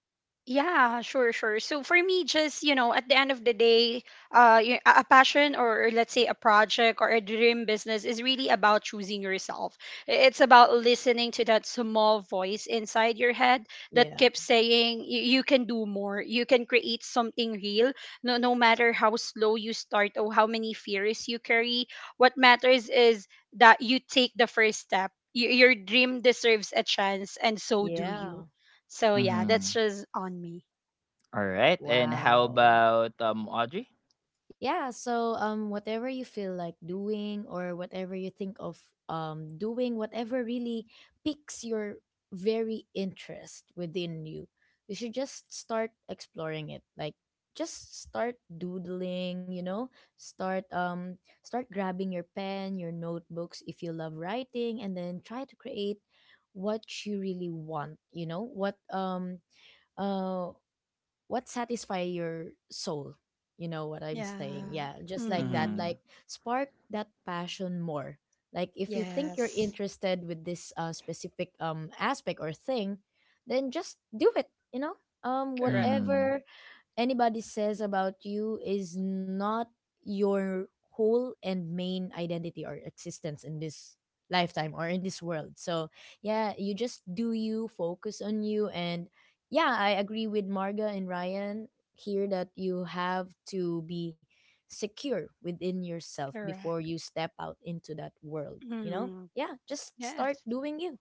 B: Yeah, sure, sure. So for me, just, you know, at the end of the day, uh, y- a a passion, or, let's say, a project or a dream business is really about choosing yourself. I- It's about listening to that small voice inside your head that
C: Yeah.
B: keeps saying you, you can do more. You can create something real. No, No matter how slow you start or how many fears you carry, what matters is that you take the first step. Y- Your dream deserves a chance, and so do
C: Yeah.
B: you. So yeah, that's
A: Mm-hmm.
B: just on me.
A: All right, and how
C: Wow.
A: about um Audrey?
C: Yeah, so um whatever you feel like doing, or whatever you think of um doing, whatever really piques your very interest within you, you should just start exploring it. Like, just start doodling, you know? Start um start grabbing your pen, your notebooks if you love writing, and then try to create what you really want, you know? What um uh what satisfy your soul, you know what I'm saying? Yeah,
B: Yeah.
C: just like that.
B: Mm-hmm.
C: Like,
A: Mm-hmm.
C: spark that passion more. Like, if you think you're
B: Yes.
C: interested with this uh, specific um aspect or thing, then just do it, you know um
B: Correct.
C: whatever anybody says about you is not your whole and main identity or existence in this lifetime or in this world. So, yeah, you just do you, focus on you. And yeah, I agree with Marga and Ryan here that you have to be secure within yourself before
B: Correct.
C: you step out into that world, you know?
B: Mm-hmm.
C: Yeah, just start
B: Yes.
C: doing you.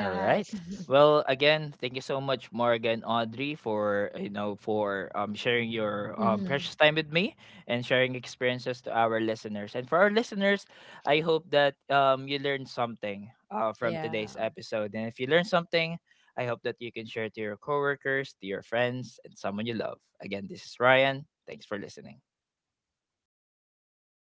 A: All right.
C: [laughs]
A: Well, again, thank you so much, Morgan, Audrey, for, you know, for um, sharing your um,
C: Mhm.
A: precious time with me, and sharing experiences to our listeners. And for our listeners, I hope that um, you learned something uh, from today's
C: Yeah.
A: episode. And if you learned something, I hope that you can share to your coworkers, to your friends, and someone you love. Again, this is Ryan. Thanks for listening.